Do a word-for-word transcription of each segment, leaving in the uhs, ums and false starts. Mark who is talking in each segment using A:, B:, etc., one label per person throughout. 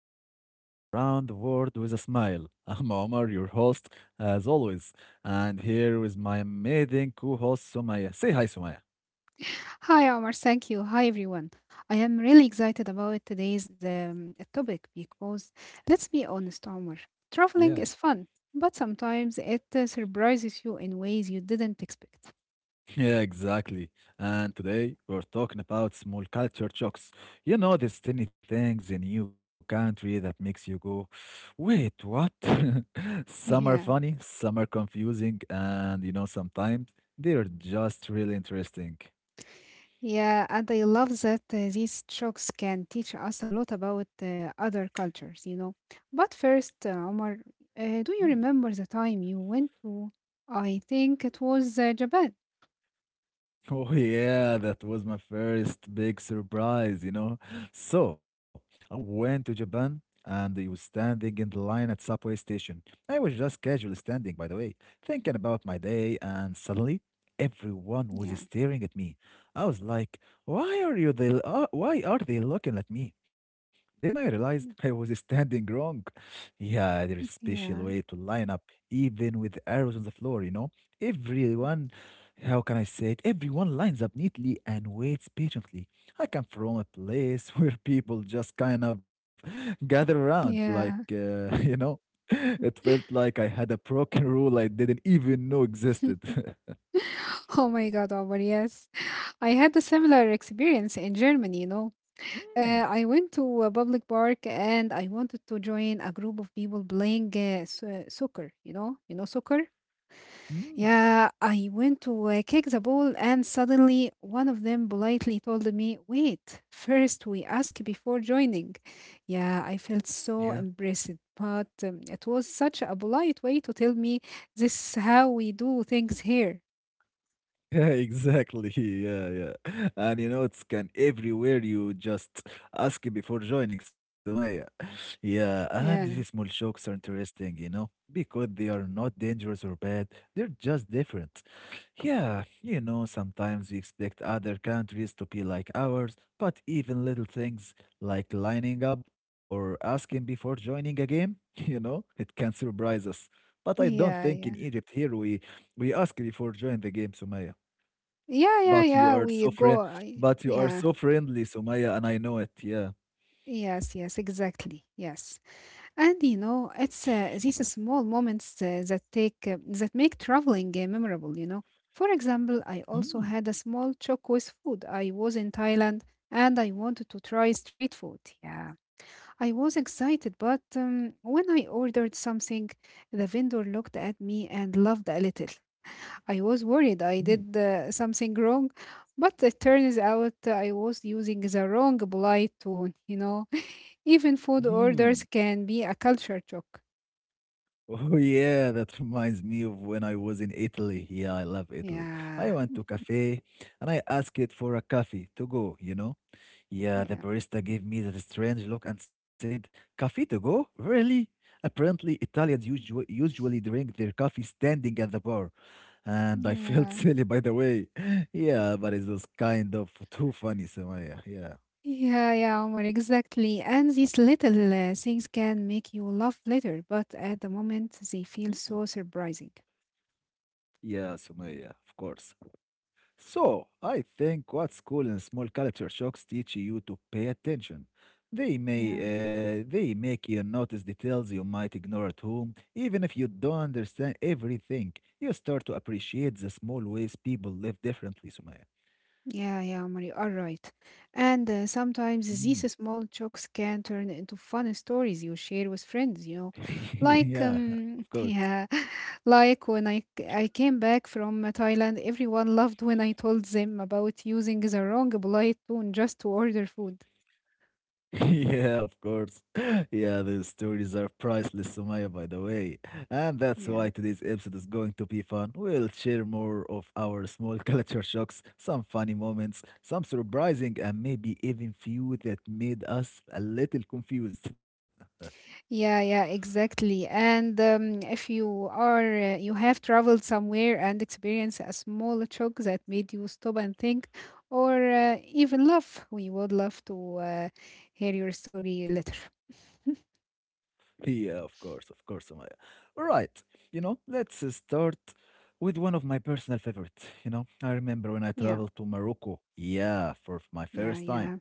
A: episode of Around the World with a Smile. I'm Omar, your host, as always, and here with my amazing co host, Sumaya. Say hi, Sumaya.
B: Hi, Omar. Thank you. Hi, everyone. I am really excited about today's um, topic because, let's be honest, Omar,
A: Yeah.
B: traveling is fun, but sometimes it uh, surprises you in ways you didn't expect.
A: Yeah, exactly. And today we're talking about small culture shocks. You know, these tiny things in new country that makes you go, wait, what? Some are
B: Yeah.
A: funny, some are confusing, and you know, sometimes they're just really interesting.
B: Yeah, and I love that uh, these shocks can teach us a lot about uh, other cultures, you know. But first, uh, Omar, uh, do you remember the time you went to, I think it was uh, Japan?
A: Oh yeah, that was my first big surprise, you know. So I went to Japan and I was standing in the line at subway station. I was just casually standing, by the way, thinking about my day, and suddenly everyone was
B: Yeah.
A: staring at me. I was like, "Why are you they? Uh, why are they looking at me?" Then I realized I was standing wrong. Yeah, there is special way
B: Yeah.
A: to line up, even with arrows on the floor, you know. Everyone how can I say it? Everyone lines up neatly and waits patiently. I come from a place where people just kind of gather around, like,
B: Yeah.
A: uh, you know, it felt like I had a broken rule I didn't even know existed.
B: Oh my God, Omar, yes. I had a similar experience in Germany, you know.
A: Mm.
B: Uh, I went to a public park and I wanted to join a group of people playing uh, so- soccer, you know, you know soccer?
A: Mm,
B: Yeah, I went to uh, kick the ball and suddenly one of them politely told me, "Wait, first we ask before joining." Yeah, I felt
A: yeah.
B: so embarrassed, but um, it was such a polite way to tell me this is how we do things here.
A: Yeah, exactly. Yeah, yeah. And you know, it's can everywhere you just ask before joining, Sumaya. Yeah, and these
B: Yeah.
A: small shocks are interesting, you know, because they are not dangerous or bad. They're just different. Yeah, you know, sometimes we expect other countries to be like ours, but even little things like lining up or asking before joining a game, you know, it can surprise us. But I don't
B: Yeah,
A: think in
B: yeah.
A: Egypt here we we ask before join the game, Sumaya.
B: Yeah, yeah,
A: But you
B: yeah.
A: are
B: We
A: so
B: go.
A: friend,
B: I,
A: but you are
B: yeah.
A: so friendly, Sumaya, and I know it. Yeah.
B: Yes, yes, exactly. Yes. And you know, it's uh, these small moments uh, that take uh, that make traveling uh, memorable, you know. For example, I also
A: Mm,
B: had a small choke with food. I was in Thailand and I wanted to try street food. Yeah. I was excited, but um, when I ordered something, the vendor looked at me and laughed a little. I was worried I
A: mm,
B: did uh, something wrong, but it turns out I was using the wrong polite tone, you know. Even food orders
A: mhm.
B: can be a culture shock.
A: Oh yeah, that reminds me of when I was in Italy. Yeah, I love Italy.
B: Yeah,
A: I went to cafe and I asked it for a coffee to go, you know? Yeah, the
B: yeah,
A: barista gave me that strange look and said, "Coffee to go? Really?" Apparently, Italians usually usually drink their coffee standing at the bar, and I felt
B: yeah.
A: silly by the way. Yeah, but it was kind of too funny, Sumaya. Yeah.
B: Yeah, yeah, Omar, exactly. And these little uh, things can make you laugh later, but at the moment they feel
A: Mm.
B: so surprising.
A: Yeah, Sumaya, of course. So, I think what school and small culture shocks teach you to pay attention. They may
B: Yeah.
A: uh, they make you notice details you might ignore at home, even if you don't understand everything. You start to appreciate the small ways people live differently, Sumaya.
B: Yeah, yeah, Omar, you are right. And uh, sometimes these
A: Mm.
B: small jokes can turn into fun stories you share with friends, you know.
A: Yeah,
B: Like,
A: of
B: um,
A: course.
B: yeah, like when I, c- I came back from uh, Thailand, everyone loved when I told them about using the wrong polite tone just to order food.
A: Yeah, of course. Yeah, these stories are priceless, Sumaya, by the way. And that's
B: Yeah.
A: why today's episode is going to be fun. We'll share more of our small culture shocks, some funny moments, some surprising, and maybe even few that made us a little confused.
B: Yeah, yeah, exactly. And um, If you are, uh, you have traveled somewhere and experienced a small shock that made you stop and think, or uh, even laugh, we would love to uh, hear your story later.
A: Yeah, of course, of course, Sumaya. All right, you know, let's uh, start with one of my personal favorite. You know, I remember when I
B: Yeah,
A: traveled to Morocco. Yeah, for my
B: yeah,
A: first time.
B: yeah,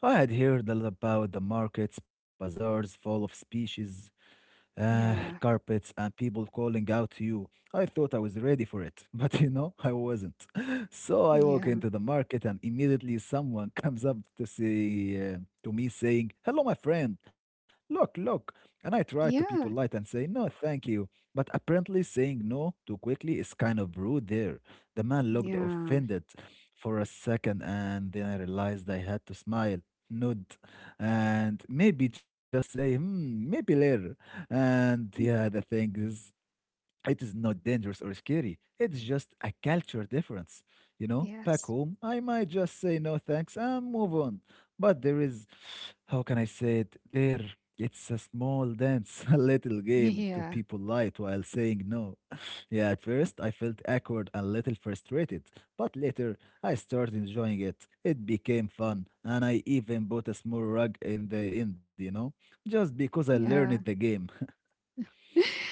A: I had heard all about the markets, bazaars full of species, uh,
B: yeah,
A: carpets, and people calling out to you. I thought I was ready for it, but you know, I wasn't. So I walk
B: yeah,
A: into the market, and immediately someone comes up to say uh, to me, saying, "Hello, my friend. Look, look." And I try to be polite
B: yeah,
A: and say, "No, thank you." But apparently, saying no too quickly is kind of rude. There, the man looked
B: yeah.
A: offended for a second, and then I realized I had to smile, nod, and maybe just say, "Hmm, maybe later." And yeah, the thing is, it is not dangerous or scary. It's just a culture difference. You know, back
B: Yes.
A: home, I might just say no thanks and move on. But there is, how can I say it? There, it's a small dance, a little game to
B: Yeah.
A: people light while saying no. Yeah, at first I felt awkward and a little frustrated, but later I started enjoying it. It became fun, and I even bought a small rug in the end, you know, just because I
B: Yeah.
A: learned the game.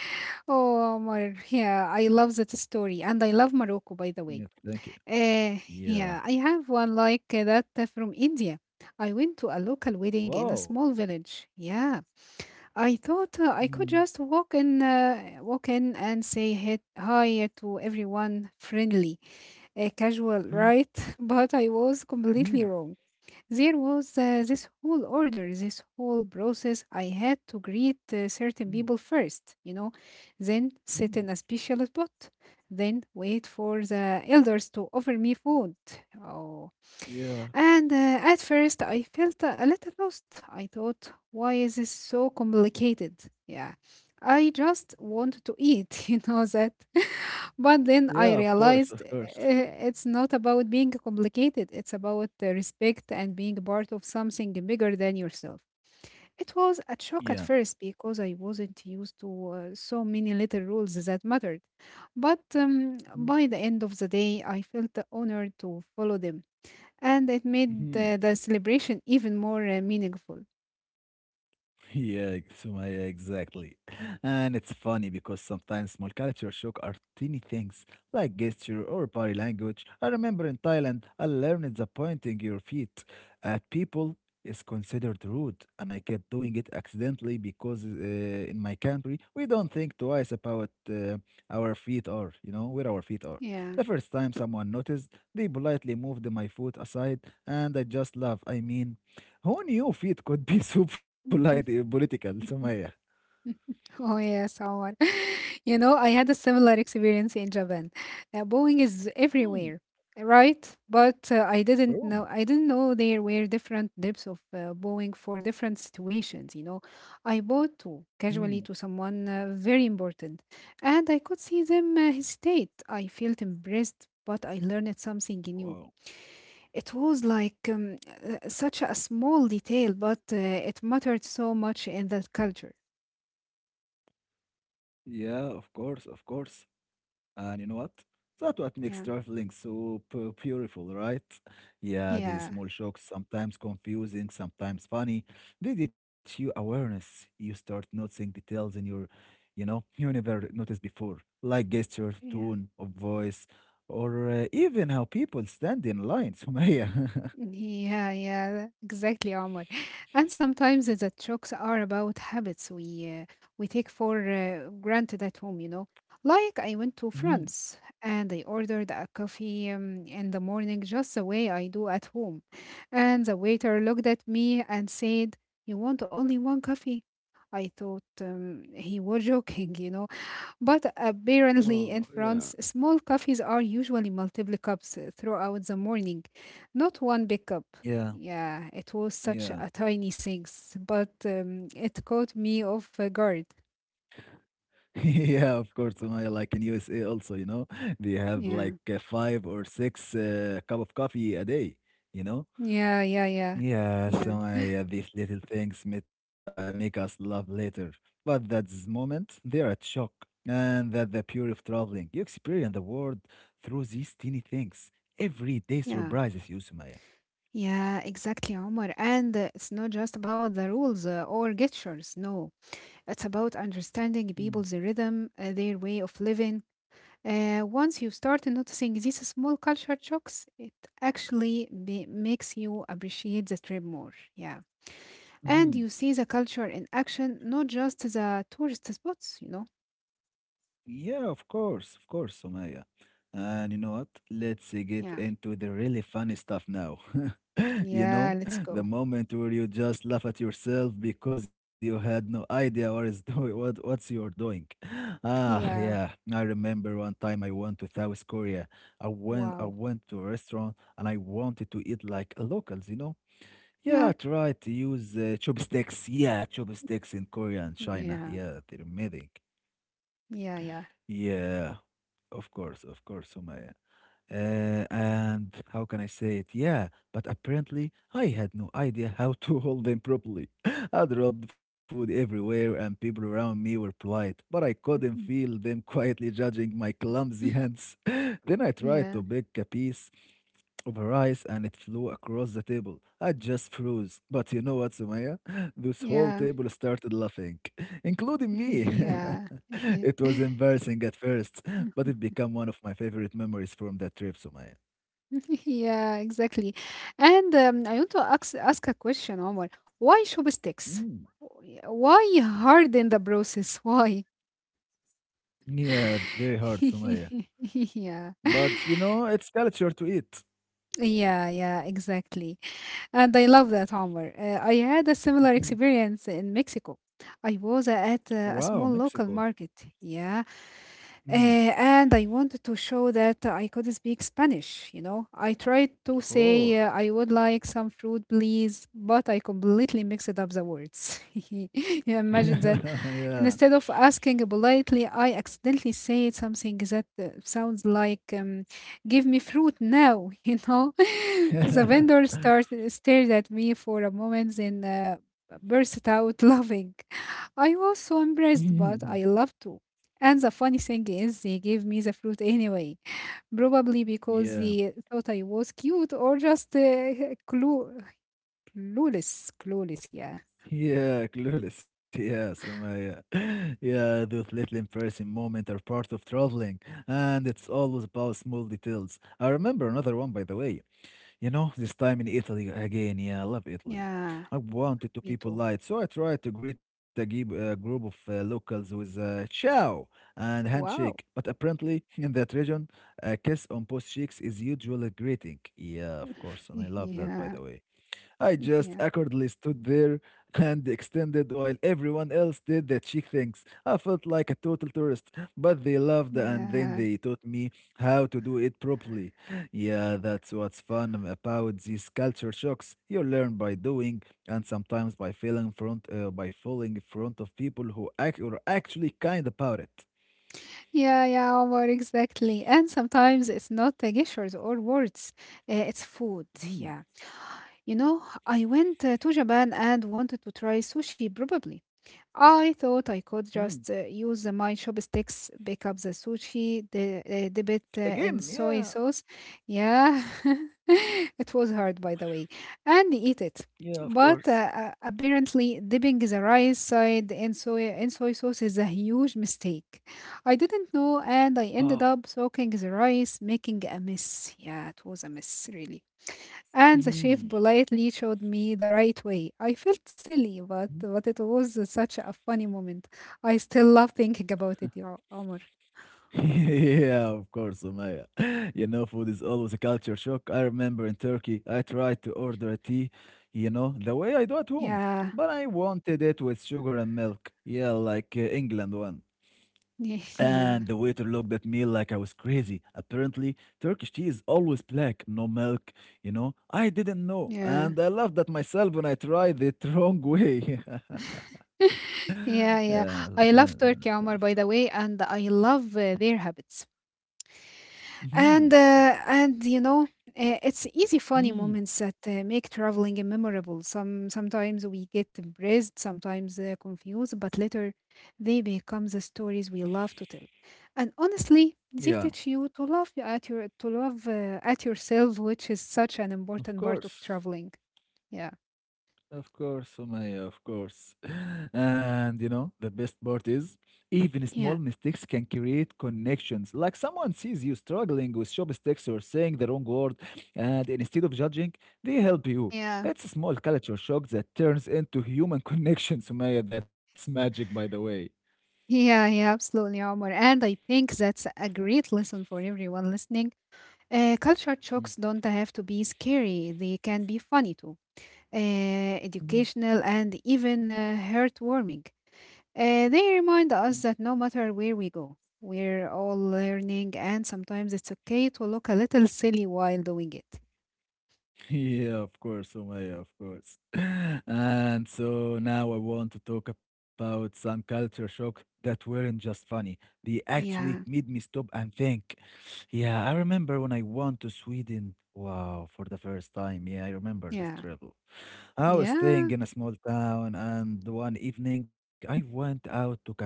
B: Oh, Omar. Yeah, I love that story. And I love Morocco, by the way.
A: Yeah, thank you.
B: Uh, yeah, I
A: Yeah.
B: have one like uh, that uh, from India. I went to a local wedding in a small
A: Wow.
B: village. Yeah, I thought uh, I could
A: Mhm,
B: just walk in, uh, walk in and say hi hi to everyone, friendly, uh, casual,
A: mhm,
B: right? But I was completely
A: mhm,
B: wrong. There was uh, this whole order, this whole process. I had to greet uh, certain
A: mhm,
B: people first, you know, then sit
A: mhm.
B: in a special spot, then wait for the elders to offer me food. Oh,
A: Yeah.
B: and uh, at first, I felt a little lost. I thought, why is this so complicated? Yeah, I just want to eat, you know that. but then
A: Yeah,
B: I
A: of course,
B: realized
A: of
B: uh,
A: course.
B: it's not about being complicated, it's about the respect and being part of something bigger than yourself. It was a
A: Yeah.
B: shock at first because I wasn't used to uh, so many little rules that mattered. But um,
A: Mhm,
B: by the end of the day, I felt honored to follow them and it made
A: mhm.
B: the, the celebration even more uh, meaningful.
A: Yeah, so my, exactly. And it's funny because sometimes small culture shock are teeny things like gesture or body language. I remember in Thailand, I learned that pointing your feet at people is considered rude, and I kept doing it accidentally because uh, in my country we don't think twice about uh, our feet are, you know, where our feet are.
B: Yeah.
A: The first time someone noticed, they politely moved my foot aside, and I just laugh. I mean. Who knew feet could be so polite, uh,
B: Mm.
A: political, Sumaya?
B: Mhm. Oh yes, Omar. You know, I had a similar experience in Japan. Uh, Boeing is
A: Mm.
B: everywhere, right? But uh, I didn't
A: Oh.
B: know. I didn't know there were different types of uh, Boeing for different situations. You know, I bought two
A: Mm.
B: casually to someone uh, very important, and I could see them uh, hesitate. I felt embarrassed, but I learned something new.
A: Wow.
B: It was like um, uh, such a small detail, but uh, it mattered so much in that culture.
A: Yeah, of course, of course. And you know what? That's what makes
B: Yeah,
A: traveling so pu- beautiful, right? Yeah, these
B: yeah,
A: small shocks, sometimes confusing, sometimes funny. They teach you awareness. You start noticing details in your, you know, you never noticed before, like gesture,
B: yeah.
A: tone of voice, or uh, even how people stand in lines, Sumaya.
B: Yeah, yeah, exactly, Omar. And sometimes the jokes are about habits we uh, we take for uh, granted at home, you know. Like I went to
A: Hmm.
B: France and I ordered a coffee um, in the morning just the way I do at home. And the waiter looked at me and said, "You want only one coffee?" I thought um, he was joking, you know. But apparently,
A: Oh,
B: in
A: yeah.
B: France, small coffees are usually multiple cups throughout the morning, not one big cup.
A: Yeah,
B: Yeah, it was such
A: yeah.
B: a tiny thing, but um, it caught me off guard.
A: Yeah, of course, Sumaya, like in U S A also, you know, they have
B: Yeah,
A: like uh, five or six uh, cup of coffee a day, you know?
B: yeah, yeah, yeah,
A: Yeah,
B: yeah.
A: Sumaya, yeah, these little things make, uh, make us love later. But that moment, they are at shock. And that the pure of traveling, you experience the world through these teeny things. Every day
B: Yeah,
A: surprises you, Sumaya.
B: yeah, exactly, Omar. And uh, it's not just about the rules uh, or gestures. No, it's about understanding people's rhythm, uh, their way of living. Uh, once you start noticing these small culture shocks, it actually be- makes you appreciate the trip more. Yeah. And
A: Mm-hmm.
B: you see the culture in action, not just the tourist spots, you know?
A: Yeah, of course, of course, Somaya. And you know what? Let's uh, get
B: Yeah.
A: into the really funny stuff now. You
B: Yeah,
A: know,
B: let's
A: the
B: go.
A: moment where you just laugh at yourself because you had no idea what is doing, what what's you're doing. Ah,
B: Yeah.
A: yeah. I remember one time I went to South Korea. I went I
B: Wow.
A: went to a restaurant and I wanted to eat like locals, you know. Yeah, I
B: Yeah.
A: tried to use uh, chopsticks. Yeah, chopsticks in Korea and China.
B: Yeah.
A: Yeah, they're amazing.
B: Yeah. Yeah.
A: Yeah, of course, of course, Sumaya. Uh, and how can I say it? Yeah, but apparently I had no idea how to hold them properly. I dropped food everywhere, and people around me were polite, but I couldn't feel them quietly judging my clumsy hands. Then I tried to
B: yeah.
A: pick a piece of rice and it flew across the table. I just froze. But you know what, Sumaya? This whole
B: Yeah.
A: table started laughing, including me.
B: Yeah.
A: It was embarrassing at first, but it became one of my favorite memories from that trip, Sumaya.
B: yeah, exactly. And um, I want to ask, ask a question, Omar. Why show sticks?
A: Mm.
B: Why harden the process? Why?
A: Yeah, it's very hard, Sumaya.
B: yeah.
A: But you know, it's culture to eat.
B: Yeah, yeah, exactly. And I love that, Omar. Uh, I had a similar
A: Mhm.
B: experience in Mexico. I was at uh, a
A: Wow,
B: small local
A: Mexico.
B: market, yeah, uh,
A: Hmm.
B: and I wanted to show that I could speak Spanish, you know. I tried to say, uh,
A: Oh,
B: I would like some fruit, please, but I completely mixed up the words. You Imagine that. And
A: yeah.
B: instead of asking politely, I accidentally said something that uh, sounds like um, give me fruit now, you know. The vendor started stared at me for a moment then uh, burst out laughing. I was so impressed, but I
A: Mhm.
B: loved to, and the funny thing is they gave me the fruit anyway, probably because
A: Yeah,
B: they thought I was cute or just uh, clue clueless clueless yeah.
A: yeah, clueless. Yeah, Sumaya. Yeah, those little embarrassing moments are part of traveling, and it's always about small details. I remember another one, by the way. You know, this time in Italy again. Yeah, I love Italy.
B: Yeah,
A: I wanted to
B: me
A: be
B: too.
A: polite, so I tried to greet a gib- a group of uh, locals with uh, ciao and handshake.
B: Wow.
A: But apparently, in that region, a kiss on both cheeks is usually a greeting. Yeah, of course, and I love that, by
B: yeah.
A: the way. I just
B: yeah,
A: awkwardly stood there and extended while everyone else did the cheek things. I felt like a total tourist, but they loved and then
B: yeah.
A: they taught me how to do it properly. Yeah, that's what's fun about these culture shocks. You learn by doing and sometimes by failing front uh, by falling in front of people who act are actually kind about it.
B: Yeah, yeah, Omar, exactly. And sometimes it's not the gestures or words, uh, it's food.
A: Hmm.
B: Yeah. You know, I went uh, to Japan and wanted to try sushi, probably. I thought I
A: Hmm.
B: could just uh, use the- my chopsticks, pick up the sushi, the, uh, dip it uh, in
A: Again,
B: soy
A: yeah.
B: sauce. Yeah, it was hard, by the way, and eat it.
A: Yeah, of
B: But uh,
A: course.
B: uh, apparently, dipping the rice side in soy in soy sauce is a huge mistake. I didn't know, and I
A: Wow.
B: ended up soaking the rice, making a mess. Yeah, it was a mess, really. And the chef
A: Hmm.
B: politely showed me the right way. I felt silly, but but it was such a funny moment. I still love thinking about it, yeah, Omar.
A: Yeah, of course, Umaya. You know, food is always a culture shock. I remember in Turkey, I tried to order a tea, you know, the way I do at home,
B: Yeah,
A: but I wanted it with sugar and milk. Yeah, like uh, England one.
B: yeah,
A: And the waiter looked at me like I was crazy. Apparently, Turkish tea is always black, no milk, you know. I didn't know, and
B: yeah.
A: I laughed at myself when I tried it wrong way.
B: Yeah,
A: Yeah,
B: yeah. I
A: so-
B: love Turkey, Omar, by the way, and I love uh, their habits. And
A: Mhm.
B: uh, and you know, uh, it's easy funny
A: Mm.
B: moments that uh, make traveling memorable. Some sometimes we get impressed, sometimes uh, confused, but later they become the stories we love to tell. And honestly, they
A: Yeah,
B: teach you to love you at your to love uh, at yourself, which is such an
A: of
B: important part of
A: course.
B: traveling. Yeah.
A: Of course, Sumaya, of course. And you know, the best part is even small
B: Yeah.
A: mistakes can create connections. Like someone sees you struggling with chopsticks or saying the wrong word, and instead of judging, they help you.
B: Yeah,
A: It's a small culture shock that turns into human connection, Sumaya. That's magic, by the way.
B: yeah, yeah, absolutely, Omar. And I think that's a great lesson for everyone listening. Uh, culture
A: Mm.
B: shocks don't have to be scary, they can be funny too, uh,
A: Mhm.
B: educational, and even uh, heartwarming. Uh, they remind us that no matter where we go, we're all learning, and sometimes it's okay to look a little silly while doing it.
A: Yeah, of course, Omaya, of course. And so now I want to talk about some culture shock that weren't just funny. They actually
B: Yeah,
A: made me stop and think. Yeah, I remember when I went to Sweden. Wow, for the first time. Yeah, I remember this
B: yeah,
A: trip. I was
B: yeah.
A: staying in a small town, and one evening I went out to cafe,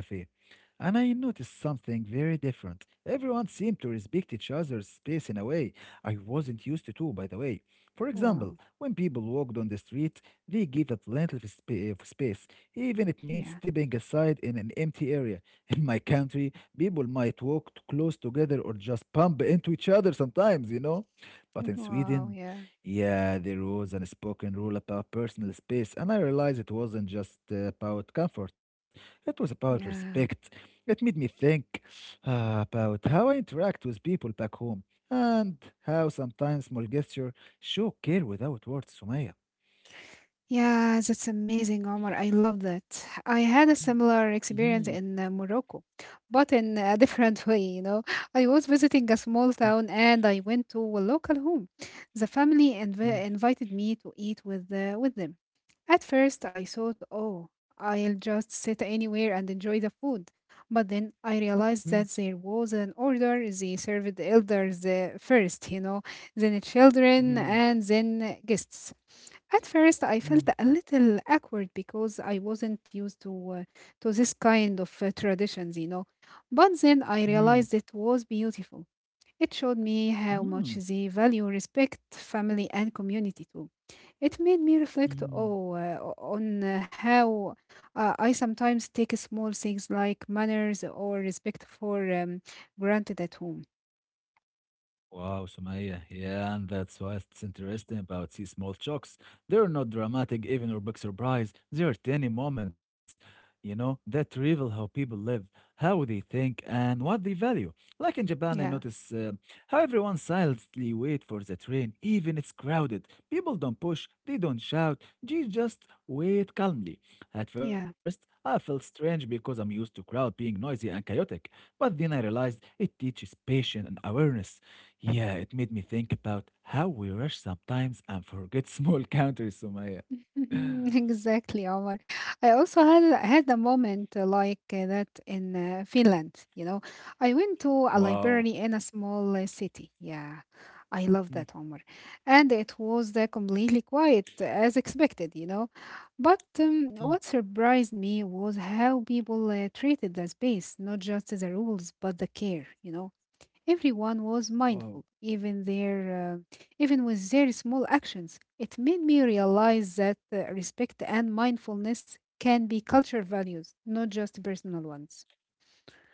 A: and I noticed something very different. Everyone seemed to respect each other's space in a way I wasn't used to, too, by the way. For example,
B: Wow,
A: when people walked on the street, they gave up plenty of, spa- of space, even it means
B: yeah,
A: stepping aside in an empty area. In my country, people might walk t- close together or just bump into each other sometimes, you know. But in
B: wow,
A: Sweden,
B: yeah,
A: yeah, there was an unspoken rule about personal space, and I realized it wasn't just uh, about comfort, it was about respect.
B: yeah.
A: It made me think uh, about how I interact with people back home and how sometimes small gestures show care without words, Sumaya.
B: Yeah, that's amazing, Omar. I love that. I had a similar
A: Mm-hmm.
B: experience in uh, Morocco, but in a different way, you know. I was visiting a small town and I went to a local home. The family
A: Mm-hmm.
B: inv- invited me to eat with, uh, with them. At first, I thought, oh, I'll just sit anywhere and enjoy the food. But then I
A: Mm-hmm.
B: realized that there was an order. They served the elders uh, first, you know, then children,
A: Mm-hmm.
B: and then guests. At first, I felt a little awkward because I wasn't used to uh, to this kind of uh, traditions, you know. But then I
A: Mm-hmm.
B: realized it was beautiful. It showed me how much they value respect, family, and community too. It made me reflect
A: Mm-hmm.
B: oh, uh, on uh, how uh, I sometimes take small things like manners or respect for um, granted at home.
A: Wow, Sumaya. Yeah, and that's what's interesting about these small shocks. They're not dramatic, even or big surprise. They are tiny moments, you know, that reveal how people live, how they think, and what they value. Like in Japan, I
B: Yeah,
A: notice uh, how everyone silently wait for the train, even it's crowded. People don't push, they don't shout, they just wait calmly. At
B: yeah.
A: first, I felt strange because I'm used to crowd being noisy and chaotic, but then I realized it teaches patience and awareness. Yeah, it made me think about how we rush sometimes and forget small counters, Sumaya.
B: Exactly, Omar. I also had had a moment uh, like uh, that in uh, Finland. You know, I went to a
A: Wow.
B: library in a small uh, city. Yeah, I love
A: Mm,
B: that, Omar. And it was uh, completely quiet, uh, as expected. You know, but um,
A: mm,
B: what surprised me was how people uh, treated the space, not just the rules, but the care. You know, everyone was
A: wow.
B: mindful, even their, uh, even with their small actions. It made me realize that uh, respect and mindfulness can be cultural values, not just personal ones.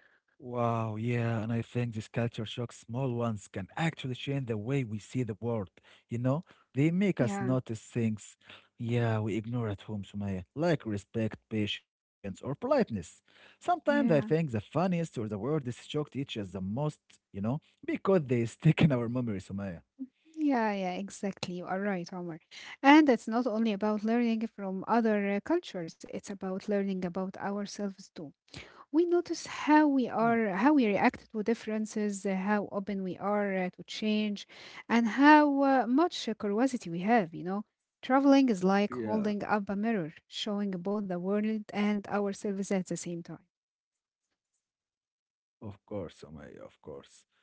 A: Wow, yeah, and I think this culture shock, small ones, can actually change the way we see the world. You know, they make us
B: Yeah,
A: notice things, yeah, we ignore at home, Sumaya, like respect, patience, or politeness. Sometimes I think the
B: yeah,
A: funniest or the weirdest shock teaches the most, you know, because they stick in our memory, Sumaya.
B: yeah, yeah. Exactly. You are right, Omar. And it's not only about learning from other uh, cultures; it's about learning about ourselves too. We notice how we
A: Mm.
B: are how we react to differences, uh, how open we are uh, to change, and how uh, much uh, curiosity we have you know Traveling is like
A: Yeah.
B: holding up a mirror, showing both the world and ourselves at the same time.
A: Of course, Omay, of course.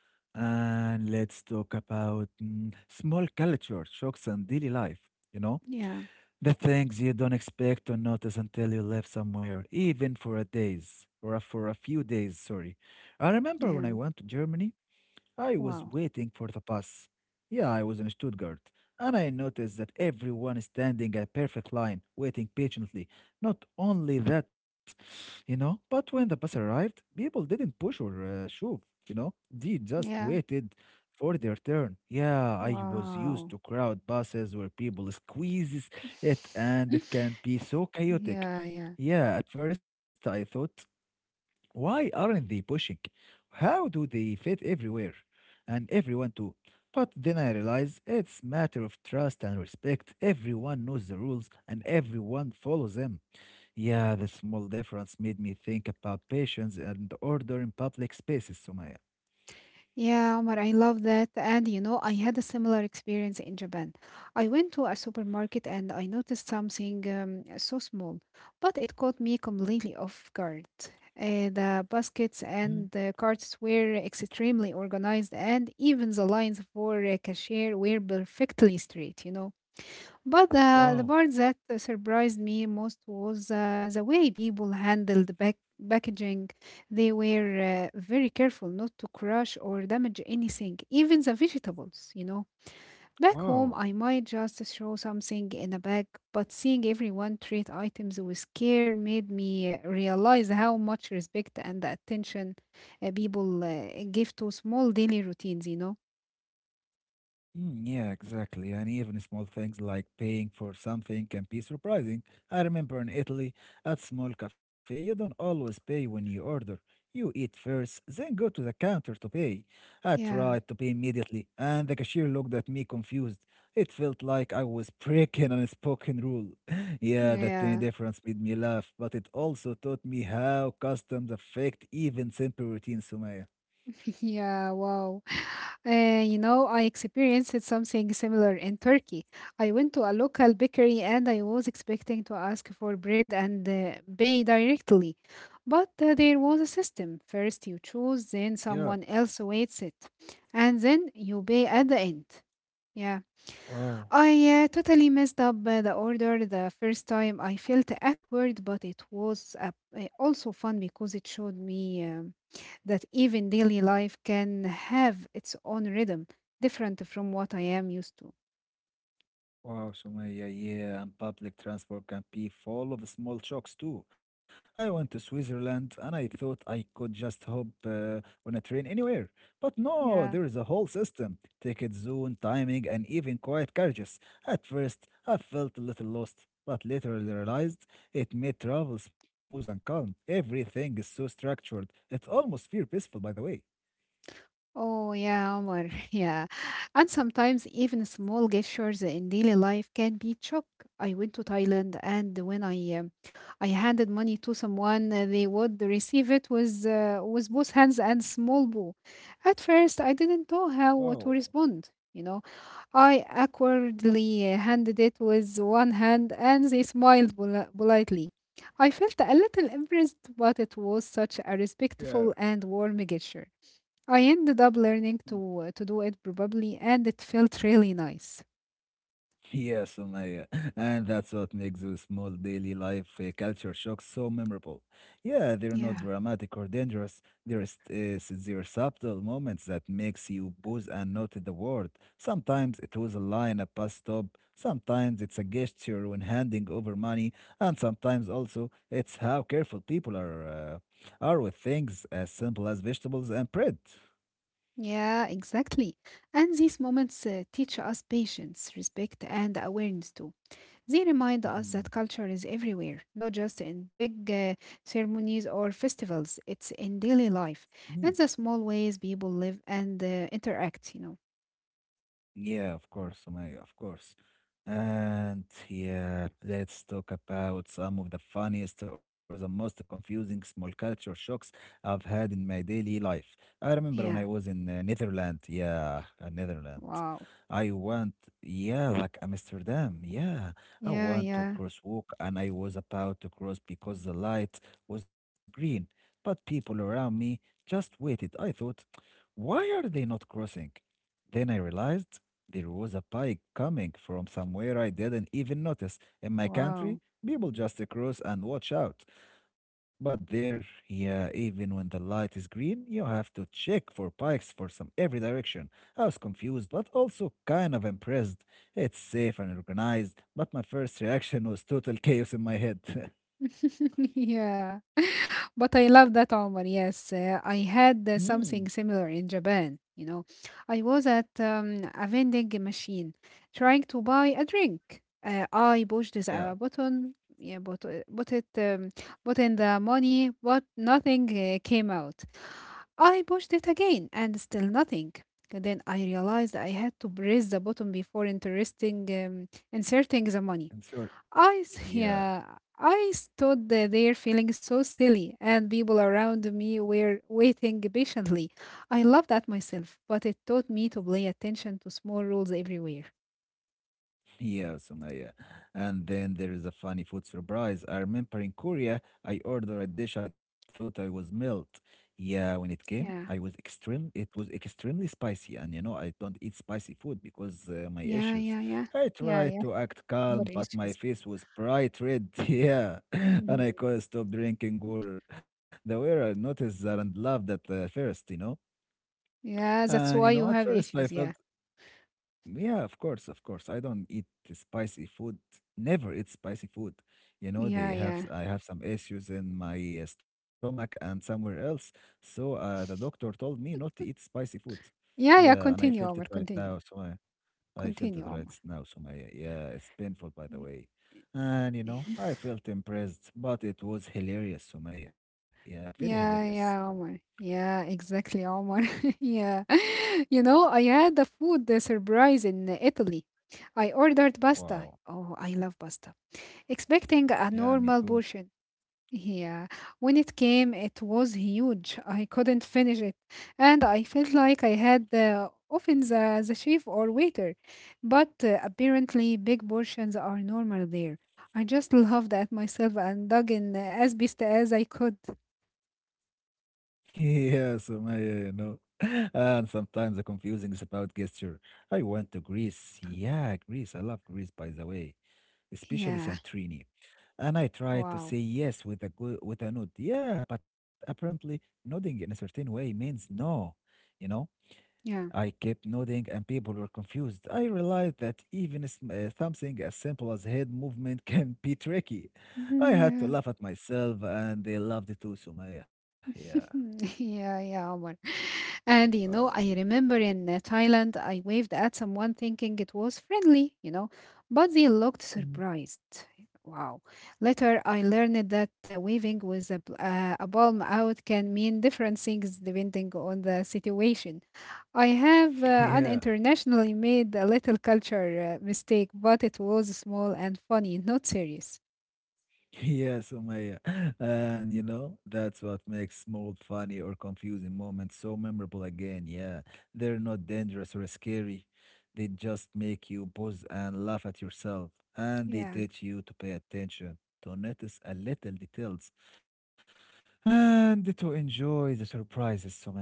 A: And let's talk about mm, small culture shocks and daily life, you know?
B: Yeah,
A: The things you don't expect to notice until you live somewhere, even for a days or a, for a few days, sorry. I remember
B: yeah,
A: when I went to Germany, I was
B: wow,
A: waiting for the bus. Yeah, I was in Stuttgart, and I noticed that everyone is standing a perfect line, waiting patiently. Not only that, you know, but when the bus arrived, people didn't push or uh, shove, you know, they just
B: yeah,
A: waited for their turn. Yeah, I was used
B: wow.
A: to crowd buses where people squeezes it, and it can be so chaotic.
B: Yeah, yeah.
A: Yeah, at first I thought why aren't they pushing? How do they fit everywhere? And everyone too. But then I realize it's matter of trust and respect. Everyone knows the rules and everyone follows them. Yeah, the small difference made me think about patience and order in public spaces, Sumaya.
B: Yeah, Omar, I love that. And you know, I had a similar experience in Japan. I went to a supermarket and I noticed something um, so small, but it caught me completely off guard. Uh, the baskets
A: Mhm.
B: and the carts were extremely organized, and even the lines for a cashier were perfectly straight, you know. But the, the
A: Wow,
B: part that surprised me most was uh, the way people handled back, packaging. They were uh, very careful not to crush or damage anything, even the vegetables, you know. Back home,
A: wow.
B: I might just throw something in a bag, but seeing everyone treat items with care made me uh, realize how much respect and attention uh, people uh, give to small daily routines, you know.
A: Mm, yeah, exactly. And even small things like paying for something can be surprising. I remember in Italy, at small cafe, you don't always pay when you order. You eat first, then go to the counter to pay. I
B: Yeah,
A: tried to pay immediately, and the cashier looked at me confused. It felt like I was breaking an unspoken rule. Yeah, that tiny
B: yeah.
A: difference made me laugh, but it also taught me how customs affect even simple routines, Sumaya.
B: Yeah, wow. Uh, you know, I experienced something similar in Turkey. I went to a local bakery and I was expecting to ask for bread and uh, pay directly. But uh, there was a system. First you choose, then
A: Yeah.
B: someone else waits it, and then you pay at the end. Yeah,
A: Wow.
B: I uh, totally messed up uh, the order the first time. I felt awkward, but it was uh, uh, also fun because it showed me. um, that even daily life can have its own rhythm, different from what I am used to.
A: Wow, Sumaya, yeah, yeah, and public transport can be full of small shocks too. I went to Switzerland and I thought I could just hop uh, on a train anywhere. But no,
B: Yeah.
A: there is a whole system ticket zone, timing, and even quiet carriages. At first, I felt a little lost, but later I realized it made travel smooth and calm. Everything is so structured. It almost feels peaceful, by the way.
B: Oh, yeah, Omar. Yeah. And sometimes even small gestures in daily life can be chalk. I went to Thailand, and when I um, I handed money to someone, uh, they would receive it with uh, with both hands and small bow. At first, I didn't know how
A: Wow.
B: to respond. You know, I awkwardly handed it with one hand and they smiled poli- politely. I felt a little embarrassed, but it was such a
A: Yeah,
B: respectful and warm gesture. I ended up learning to uh, to do it probably, and it felt really nice.
A: yes, Sumaya, and that's what makes the small daily life uh, culture shocks so memorable. Yeah, they're not
B: Yeah,
A: dramatic or dangerous. There is uh, They're subtle moments that makes you pause and note the word. Sometimes it was a line at bus stop. Sometimes it's a gesture when handing over money, and sometimes also it's how careful people are uh, are with things as simple as vegetables and bread.
B: yeah, exactly. And these moments uh, teach us patience, respect, and awareness too. They remind us that
A: Mhm.
B: culture is everywhere, not just in big uh, ceremonies or festivals. It's in daily life and the small ways people live and uh, interact, you know.
A: Yeah, of course, Sumaya, of course. And yeah, let's talk about some of the funniest or the most confusing small culture shocks I've had in my daily life. I remember when
B: Yeah.
A: I was in uh, Netherlands, yeah, uh, Netherlands.
B: Wow.
A: I went, yeah, like Amsterdam, yeah. I
B: Yeah,
A: went to
B: yeah.
A: crosswalk and I was about to cross because the light was green, but people around me just waited. I thought, why are they not crossing? Then I realized there was a pike coming from somewhere I didn't even notice. In my country,
B: Wow.
A: people just cross and watch out. But there, yeah, even when the light is green, you have to check for pikes for some every direction. I was confused, but also kind of impressed. It's safe and organized, but my first reaction was total chaos in my head.
B: Yeah. But I love that, Omar. Yes, uh, I had uh,
A: Hmm.
B: something similar in Japan. You know, I was at um, a vending machine trying to buy a drink. Uh, I pushed this
A: Yeah,
B: uh, button, yeah, but uh, but it um, put in the money, but nothing uh, came out. I pushed it again, and still nothing. And then I realized I had to press the button before interesting um, inserting the money.
A: and so
B: I s-
A: yeah.
B: yeah, I stood there feeling so silly, and people around me were waiting patiently. I laughed at myself, but it taught me to pay attention to small rules everywhere.
A: Yeah, Sumaya. And then there is a funny food surprise. I remember in Korea, I ordered a dish I thought I was milk. Yeah, when it came, I
B: Yeah,
A: was extreme. It was extremely spicy, and you know I don't eat spicy food because uh, my
B: yeah,
A: issues.
B: yeah, yeah,
A: I
B: yeah,
A: tried
B: yeah.
A: to act calm,
B: What
A: but my
B: issues?
A: face was bright red. Yeah, and
B: Mhm.
A: I couldn't stop drinking water. The waiter noticed that and laughed at uh, first, you know.
B: Yeah, that's
A: And you
B: why
A: know,
B: you
A: at
B: have
A: first I
B: issues.
A: felt
B: Yeah,
A: yeah, of course, of course. I don't eat spicy food. Never eat spicy food. You know, they
B: yeah,
A: have s-
B: yeah,
A: I have some issues in my uh, stomach and somewhere else. So uh, the doctor told me not to eat spicy food.
B: yeah, yeah.
A: Yeah, and I
B: Continue,
A: felt it
B: Omar.
A: right
B: Continue,
A: now. So I, I felt
B: continue,
A: it right
B: Omar.
A: now. So my yeah, it's painful by the way. And you know, I felt impressed, but it was hilarious, Sumaya. Yeah, very hilarious.
B: Yeah, yeah, Omar. Yeah, exactly, Omar. Yeah. You know, I had a food uh, surprise in Italy. I ordered pasta.
A: Wow.
B: Oh, I love pasta. Expecting a
A: Yeah, me
B: normal
A: too.
B: portion. Yeah. When it came, it was huge. I couldn't finish it. And I felt like I had uh, often the, the chef or waiter. But uh, apparently, big portions are normal there. I just laughed at myself and dug in uh, as best as I could.
A: Yeah, Sumaya, you know. And sometimes the confusing is about gesture. I went to Greece. Yeah, Greece. I love Greece, by the way, especially
B: Yeah.
A: Santorini. And I tried to
B: Wow.
A: say yes with a good, with a nod. Yeah, but apparently nodding in a certain way means no. You know,
B: Yeah.
A: I kept nodding and people were confused. I realized that even s- uh, something as simple as head movement can be tricky.
B: Mhm.
A: I had to
B: Yeah.
A: laugh at myself, and they loved it too, Sumaya. Yeah.
B: Yeah, yeah, Omar. And you
A: Oh.
B: know, I remember in uh, Thailand, I waved at someone thinking it was friendly, you know, but they looked
A: Mm.
B: surprised. Wow. Later, I learned that uh, waving with a, b- uh, a palm out can mean different things depending on the situation. I have uh, an
A: Yeah,
B: internationally made a little culture uh, mistake, but it was small and funny, not serious.
A: yeah, Sumaya. And you know, that's what makes small, funny, or confusing moments so memorable again. Yeah, they're not dangerous or scary. They just make you pause and laugh at yourself. And they
B: Yeah.
A: teach you to pay attention, to notice a little details, and to enjoy the surprises, Sumaya.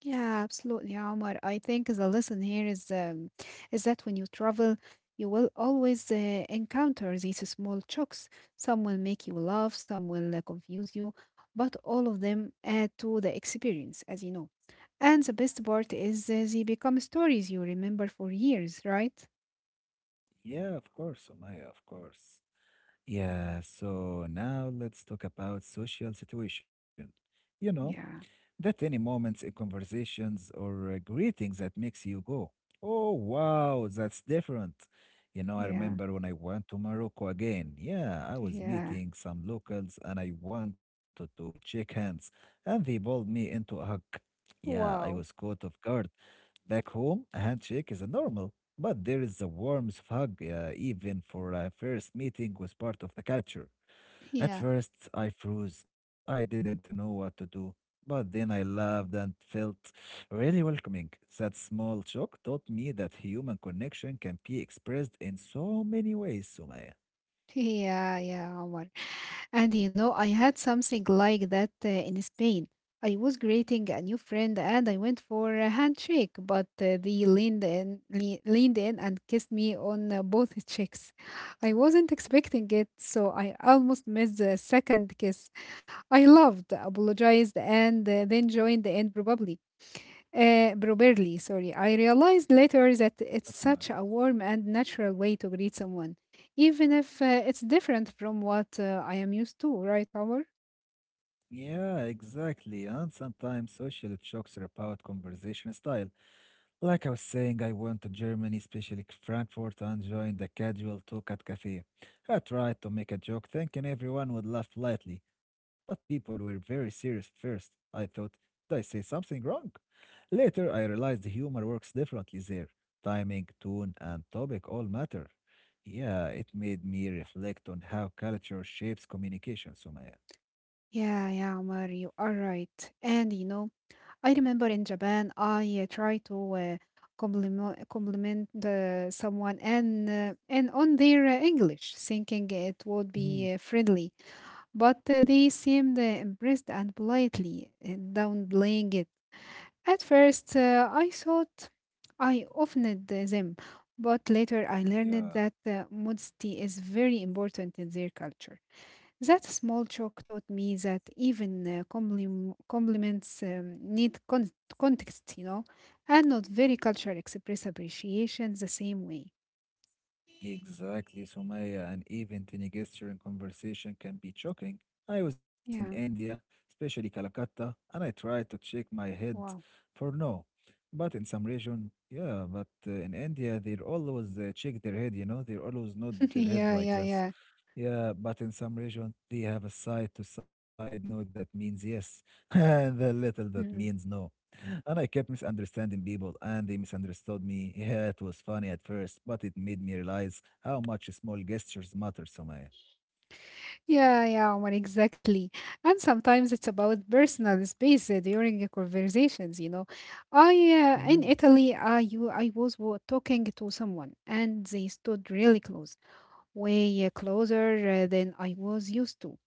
B: Yeah, absolutely, Omar. I think the lesson here is um, is that when you travel, you will always uh, encounter these small shocks. Some will make you laugh, some will uh, confuse you, but all of them add to the experience, as you know. And the best part is uh, they become stories you remember for years, right?
A: Yeah, of course, Sumaya, of course. Yeah, so now let's talk about social situation. You know,
B: Yeah,
A: that any moments in conversations or uh, greetings that makes you go, oh wow, that's different. You know, I
B: yeah,
A: remember when I went to Morocco again. Yeah, I was
B: yeah.
A: meeting some locals and I wanted to shake hands, and they pulled me into a hug. Yeah, I was
B: Wow.
A: caught off guard. Back home, a handshake is a normal, but there is the warmth of hug, uh, even for a first meeting, was part of the culture. At
B: Yeah,
A: first, I froze. I didn't know what to do. But then I laughed and felt really welcoming. That small joke taught me that human connection can be expressed in so many ways, Sumaya.
B: yeah, yeah, Omar. And you know, I had something like that uh, in Spain. I was greeting a new friend and I went for a handshake, but uh, they leaned in, le- leaned in and kissed me on uh, both cheeks. I wasn't expecting it, so I almost missed the second kiss. I loved, apologized, and uh, then joined in probably. Uh, properly, sorry. I realized later that it's
A: Um,
B: such a warm and natural way to greet someone, even if uh, it's different from what uh, I am used to, right, Omar?
A: Yeah, exactly. And sometimes social jokes are about conversation style. Like I was saying, I went to Germany, especially Frankfurt, and joined the casual talk at cafe. I tried to make a joke, thinking everyone would laugh lightly, but people were very serious at first. I thought, did I say something wrong? Later, I realized humor works differently there. Timing, tone, and topic all matter. Yeah, it made me reflect on how culture shapes communication, Sumaya.
B: Yeah, yeah, Omar, you are right. And you know, I remember in Japan, I uh, try to uh, compliment compliment uh, someone and uh, and on their uh, English, thinking it would
A: Mhm.
B: be uh, friendly, but uh, they seemed uh, impressed and politely uh, downplaying it. At first, uh, I thought I offended them, but later I learned
A: Yeah.
B: that uh, modesty is very important in their culture. That small joke taught me that even uh, complim- compliments um, need con- context, you know, and not very cultural express appreciation the same way.
A: Exactly, Sumaya. And even tiny gesture in conversation can be shocking. I was in
B: Yeah,
A: India, especially Calcutta, and I tried to check my head
B: wow.
A: for no. But in some region, yeah, but uh, in India, they always uh, check their head, you know, they always nod their head
B: Yeah,
A: like
B: yeah, yeah.
A: this. Yeah, but in some regions they have a side to side note that means yes, and the little that
B: Mm-hmm.
A: means no. And I kept misunderstanding people, and they misunderstood me. Yeah, it was funny at first, but it made me realize how much small gestures matter, Somaya.
B: Yeah, yeah, Omar, exactly. And sometimes it's about personal space uh, during uh, conversations, you know. I uh,
A: Mhm,
B: in Italy, I you I was wa- talking to someone and they stood really close, way uh, closer uh, than I was used to.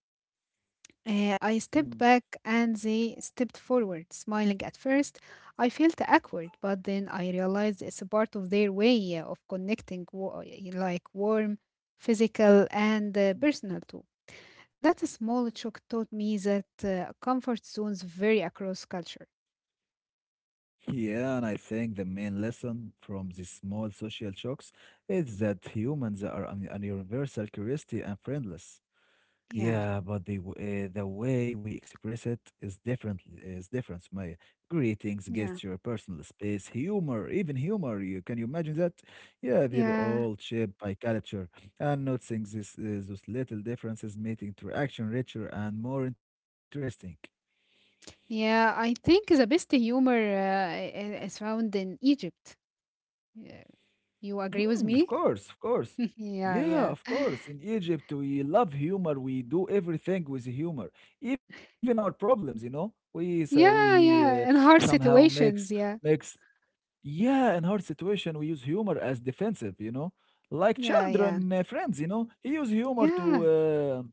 B: Uh, I
A: mhm.
B: stepped back and they stepped forward, smiling at first. I felt awkward, but then I realized it's a part of their way uh, of connecting, wa- like warm, physical, and uh, personal too. That small shock taught me that uh, comfort zones vary across culture.
A: Yeah, and I think the main lesson from these small social shocks is that humans are an an universal curiosity and friendless.
B: Yeah,
A: Yeah, but the w- uh, the way we express it is different. Is different, Maya. Greetings,
B: yeah,
A: gesture, personal space, humor, even humor. You can you imagine that? Yeah, they're
B: yeah,
A: all shaped by culture, and noticing this uh, those little differences make interaction richer and more interesting.
B: yeah. I think the best humor uh, i- i- is found in Egypt. Yeah. You agree
A: Mm,
B: with
A: of
B: me?
A: course, of course. Yeah,
B: Yeah,
A: yeah,
B: yeah,
A: of course. In Egypt, we love humor. We do everything with humor, even our problems. You know, we so
B: yeah,
A: we uh,
B: yeah. In hard
A: somehow makes
B: situations, yeah,
A: makes. Yeah, in hard situation, we use humor as defensive, you know, like
B: yeah, yeah,
A: children, uh, friends, you know. He use humor to,
B: yeah,
A: uh,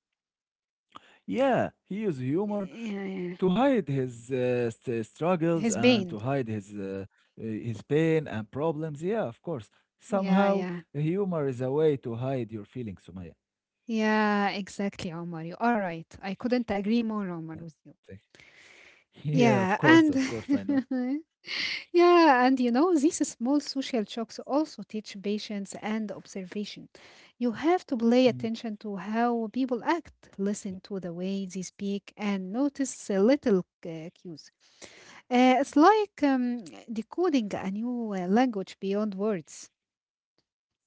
A: yeah, he use humor
B: yeah,
A: to
B: yeah.
A: hide his uh, st- struggles
B: His
A: and to
B: pain.
A: hide his uh, uh, his pain and problems. Yeah, of course.
B: Yeah,
A: Somehow,
B: yeah,
A: humor is a way to hide your feelings, Sumaya.
B: yeah. Exactly, Omar. You are right. I couldn't agree more, Omar,
A: Yeah,
B: with you.
A: thank- yeah, of
B: Yeah,
A: course, of
B: and
A: course, I know.
B: yeah, and you know, these small social shocks also teach patience and observation. You have to pay
A: Mm.
B: attention to how people act, listen to the way they speak, and notice uh, little uh, cues. Uh, it's like um, decoding a new uh, language beyond words.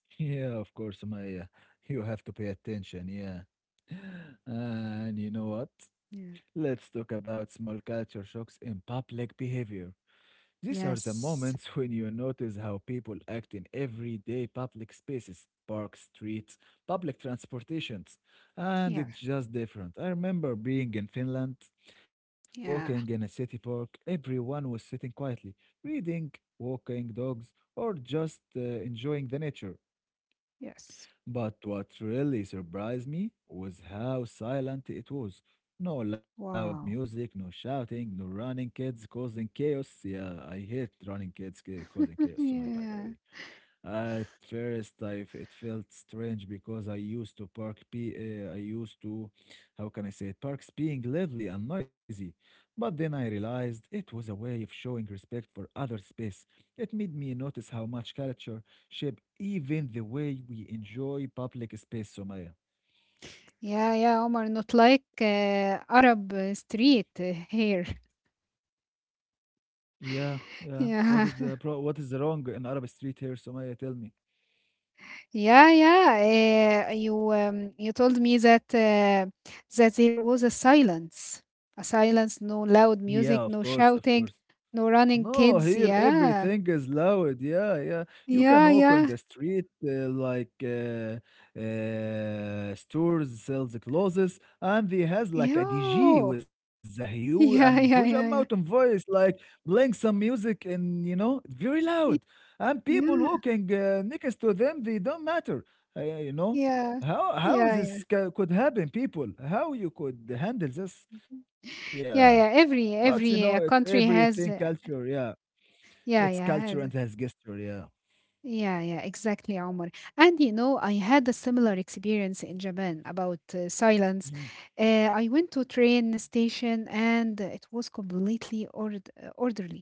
A: Yeah, of course, Sumaya. You have to pay attention. Yeah, and you know what?
B: Yeah.
A: Let's talk about small culture shocks in public behavior. These are the
B: Yes.
A: moments when you notice how people act in everyday public spaces, parks, streets, public transportations, and
B: Yeah.
A: it's just different. I remember being in Finland, walking in a
B: Yeah.
A: city park, everyone was sitting quietly, reading, walking dogs, or just uh, enjoying the nature.
B: Yes.
A: But what really surprised me was how silent it was. No loud music,
B: Wow.
A: no shouting, no running kids causing chaos. Yeah, I hate running kids ca- causing chaos, Sumaya, by the
B: Yeah.
A: way. At first, I f- it felt strange because I used to park be uh, I used to, how can I say it, parks being lively and noisy. But then I realized it was a way of showing respect for other space. It made me notice how much culture shape even the way we enjoy public space, Somaya.
B: Yeah. Yeah. Omar, not like uh, Arab uh, street uh, here.
A: Yeah, yeah. What is
B: Yeah.
A: the pro what is the wrong in Arab street here, Somaya? Tell me.
B: Yeah, yeah. Uh, you um, you told me that uh, that there was a silence, a silence, no loud
A: Yeah, of
B: music, no
A: course, of course.
B: shouting, no running
A: No, here
B: kids. Yeah,
A: everything is loud. Yeah, yeah. You can
B: yeah,
A: walk on
B: yeah,
A: the street, uh, like uh, uh, stores sells clothes, and they has like a D J
B: yo,
A: with the huge and huge
B: yeah, yeah,
A: amount of
B: yeah, yeah,
A: voice, like playing some music, and you know, very loud. And people
B: yeah,
A: walking uh, next to them, they don't matter. Uh, you know
B: yeah,
A: how how
B: yeah, yeah, yeah,
A: this ca- could happen, people? How you could handle this? Yeah.
B: yeah.
A: But you
B: Every
A: know, it's
B: every uh, country
A: everything
B: has, uh,
A: culture. Yeah. It's
B: yeah, yeah,
A: culture and
B: has.
A: has gesture, yeah.
B: Yeah, yeah, exactly, Omar. And you know, I had a similar experience in Japan about uh, silence.
A: Mhm.
B: Uh, I went to train station and it was completely ord- uh, orderly.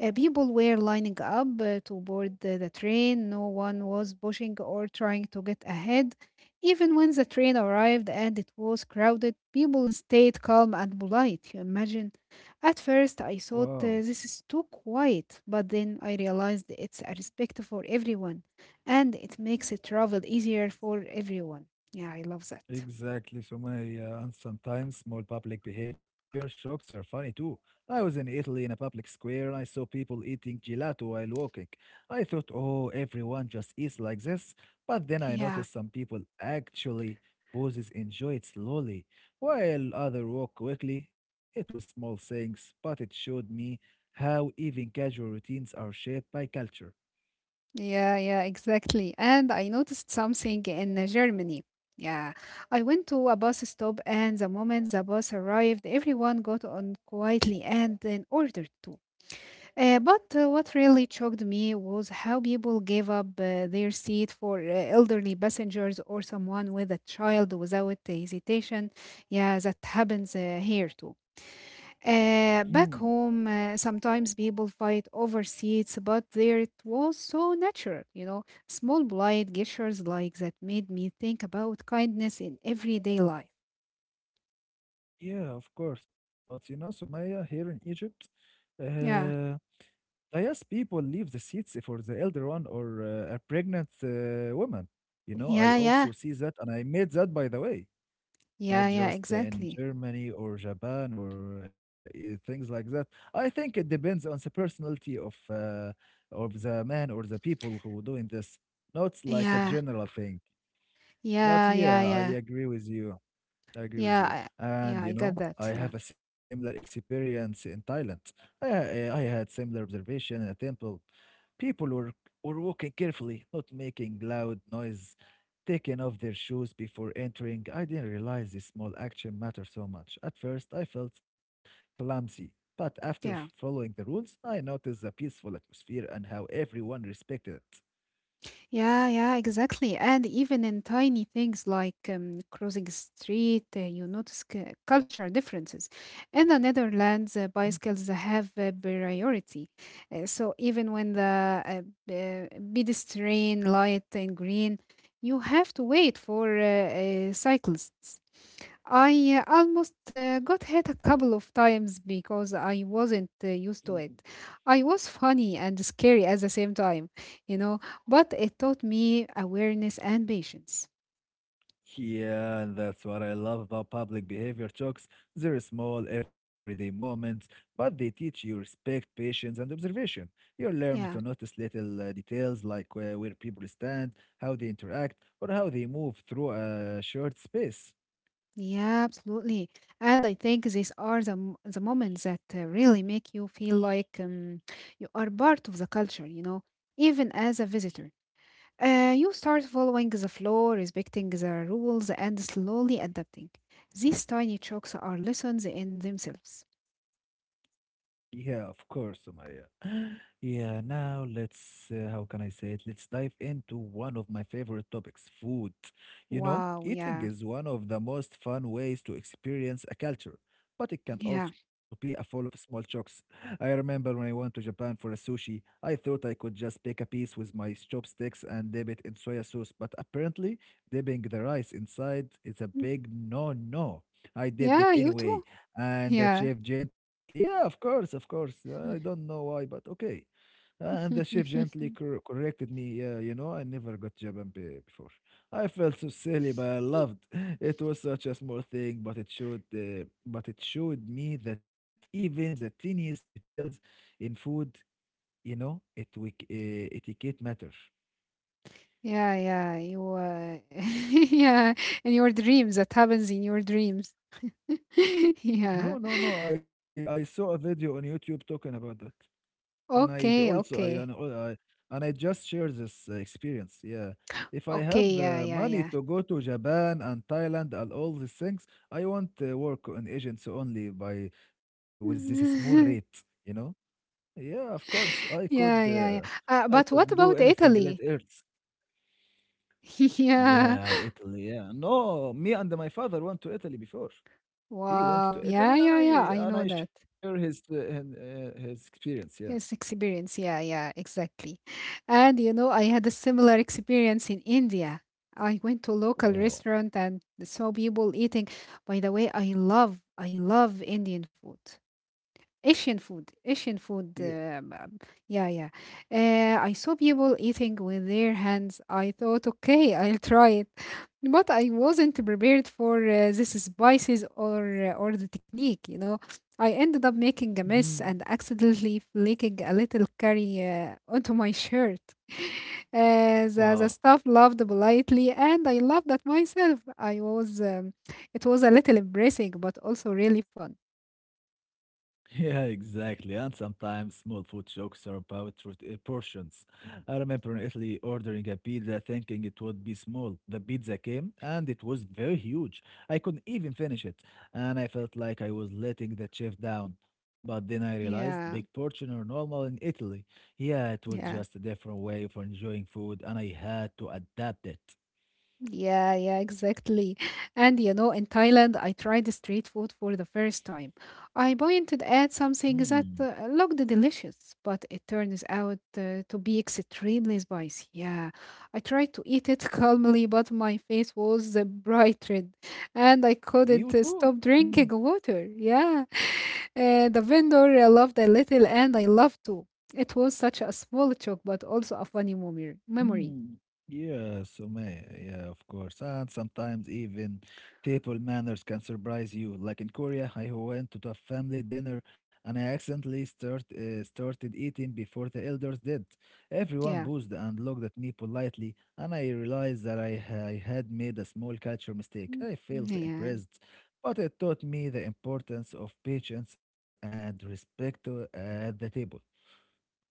B: Uh, people were lining up uh, to board the, the train. No one was pushing or trying to get ahead. Even when the train arrived and it was crowded, people stayed calm and polite, you imagine. At first, I thought
A: Wow,
B: uh, this is too quiet, but then I realized it's a respect for everyone and it makes travel easier for everyone. Yeah, I love that.
A: exactly, Sumaya. And sometimes small public behavior shocks are funny too. I was in Italy in a public square and I saw people eating gelato while walking. I thought, oh, everyone just eats like this. But then I
B: Yeah,
A: noticed some people actually poses enjoy it slowly, while others walk quickly. It was small things, but it showed me how even casual routines are shaped by culture.
B: yeah, yeah, exactly. And I noticed something in uh, Germany. Yeah, I went to a bus stop, and the moment the bus arrived, everyone got on quietly and then ordered too. Uh, but uh, what really shocked me was how people gave up uh, their seat for uh, elderly passengers or someone with a child without hesitation. Yeah, that happens uh, here too. Uh, back home, uh, sometimes people fight over seats, but there it was so natural, you know, small polite gestures like that made me think about kindness in everyday life.
A: Yeah, of course. But you know, Sumaya, here in Egypt,
B: Yeah,
A: uh, I guess people leave the seats for the elder one or uh, a pregnant uh, woman. You know, I
B: yeah, yeah,
A: also see that, and I made that, by the way,
B: yeah,
A: not
B: yeah,
A: just in
B: exactly.
A: Germany or Japan or uh, i- things like that. I think it depends on the personality of uh, of the man or the people who doing this. Not like a
B: Yeah,
A: general thing. But
B: yeah, yeah,
A: yeah, I
B: yeah,
A: agree with you. I agree with
B: yeah,
A: you.
B: I-
A: And
B: yeah, I
A: you
B: got
A: know,
B: that.
A: I
B: Yeah,
A: have a similar experience in Thailand. I, ha- I had similar observation in a temple. People were, were walking carefully, not making loud noise, taking off their shoes before entering. I didn't realize this small action mattered so much. At first, I felt clumsy, but after
B: yeah.
A: following the rules, I noticed the peaceful atmosphere and how everyone respected
B: Yeah, yeah, exactly. And even in tiny things like um, crossing the street, uh, you notice c- cultural differences. In the Netherlands, uh, bicycles have uh, priority. Uh, so even when the uh, b- uh, pedestrian light in green, you have to wait for uh, uh, cyclists. I uh, almost uh, got hit a couple of times because I wasn't uh, used
A: it.
B: to it. I was funny and scary at the same time, you know. But it taught me awareness and patience.
A: Yeah, and that's what I love about public behavior talks. They're small, everyday moments, but they teach you respect, patience, and observation. You learn to
B: Yeah,
A: notice little uh, details like uh, where people stand, how they interact, or how they move through a short space.
B: yeah, absolutely. And I think these are the m- the moments that uh, really make you feel like um, you are part of the culture. You know, even as a visitor, uh, you start following the flow, respecting the rules, and slowly adapting. These tiny chokes are lessons in themselves.
A: Yeah, of course, Sumaya. Yeah, now let's, uh, how can I say it? Let's dive into one of my favorite topics, food. You know,
B: Wow.
A: eating
B: Yeah.
A: is one of the most fun ways to experience a culture, but it can
B: Yeah.
A: also be a full of small chocks. I remember when I went to Japan for a sushi, I thought I could just pick a piece with my chopsticks and dip it in soya sauce, but apparently, dipping the rice inside is a big no-no. I dipped it
B: Yeah. You
A: anyway
B: too.
A: and the
B: Yeah.
A: chef gently, yeah, of course, of course. I don't know why, but okay. And the chef gently cor- corrected me. Yeah, you know, I never got Japan be- before. I felt so silly, but I loved. It was such a small thing, but it showed, uh, but it showed me that even the tiniest details in food, you know, it uh, etiquette matter.
B: Yeah, yeah, you, uh, yeah, in your dreams, that happens in your dreams.
A: No,
B: Yeah.
A: no, no. I I saw a video on YouTube talking about that. And I j-
B: Okay,
A: also I and,
B: okay.
A: I and I just share this uh, experience. Yeah, if I have
B: Okay, yeah,
A: uh,
B: yeah,
A: money
B: yeah.
A: to go to Japan and Thailand and all these things, I want to work on agents only by with this small rate. You know? Yeah, of course I could.
B: Yeah,
A: Uh,
B: yeah, yeah. Uh,
A: I
B: but
A: could
B: what
A: do
B: about
A: anything. Let
B: Italy?
A: Earth.
B: Yeah.
A: Yeah, Italy. Yeah, no, me and my father went to Italy before. He went
B: Wow.
A: to
B: Yeah,
A: Italy, and
B: yeah,
A: I
B: yeah. I
A: and
B: know
A: I
B: that.
A: share his uh, his, uh, his experience. Yeah.
B: Yes, experience. Yeah, yeah, exactly. And you know, I had a similar experience in India. I went to a local
A: Wow.
B: restaurant and saw people eating. By the way, I love, I love Indian food. Asian food, Asian food.
A: Yeah.
B: Uh, um, yeah, yeah. Uh, I saw people eating with their hands. I thought, okay, I'll try it, but I wasn't prepared for uh, this spices or uh, or the technique. You know, I ended up making a mess
A: Mm-hmm.
B: and accidentally flicking a little curry uh, onto my shirt. Uh, the, the
A: Wow.
B: staff laughed politely, and I laughed at myself. I was, um, it was a little embarrassing, but also really fun.
A: Yeah, exactly. And sometimes small food jokes are about root- uh, portions. I remember in Italy ordering a pizza thinking it would be small. The pizza came and it was very huge. I couldn't even finish it. And I felt like I was letting the chef down. But then I realized big
B: Yeah,
A: portion are normal in Italy. Yeah, it was
B: yeah.
A: just a different way of enjoying food and I had to adapt it.
B: Yeah, yeah, exactly. And you know, in Thailand, I tried street food for the first time. I pointed at something
A: Hmm.
B: that uh, looked delicious, but it turns out uh, to be extremely spicy. Yeah, I tried to eat it calmly, but my face was uh, bright red, and I
A: You
B: couldn't uh,
A: too?
B: stop
A: Hmm.
B: drinking water. Yeah, uh, the vendor uh, loved a little, and I loved too. It was such a small joke, but also a funny memory. Memory.
A: Mm. Yeah, Sumaya. Yeah, of course. And sometimes even table manners can surprise you. Like in Korea, I went to a family dinner and I accidentally start, uh, started eating before the elders did. Everyone
B: Yeah.
A: boozed and looked at me politely, and I realized that I, ha- I had made a small culture mistake.
B: Mm,
A: I felt
B: yeah.
A: impressed, but it taught me the importance of patience and respect uh, at the table.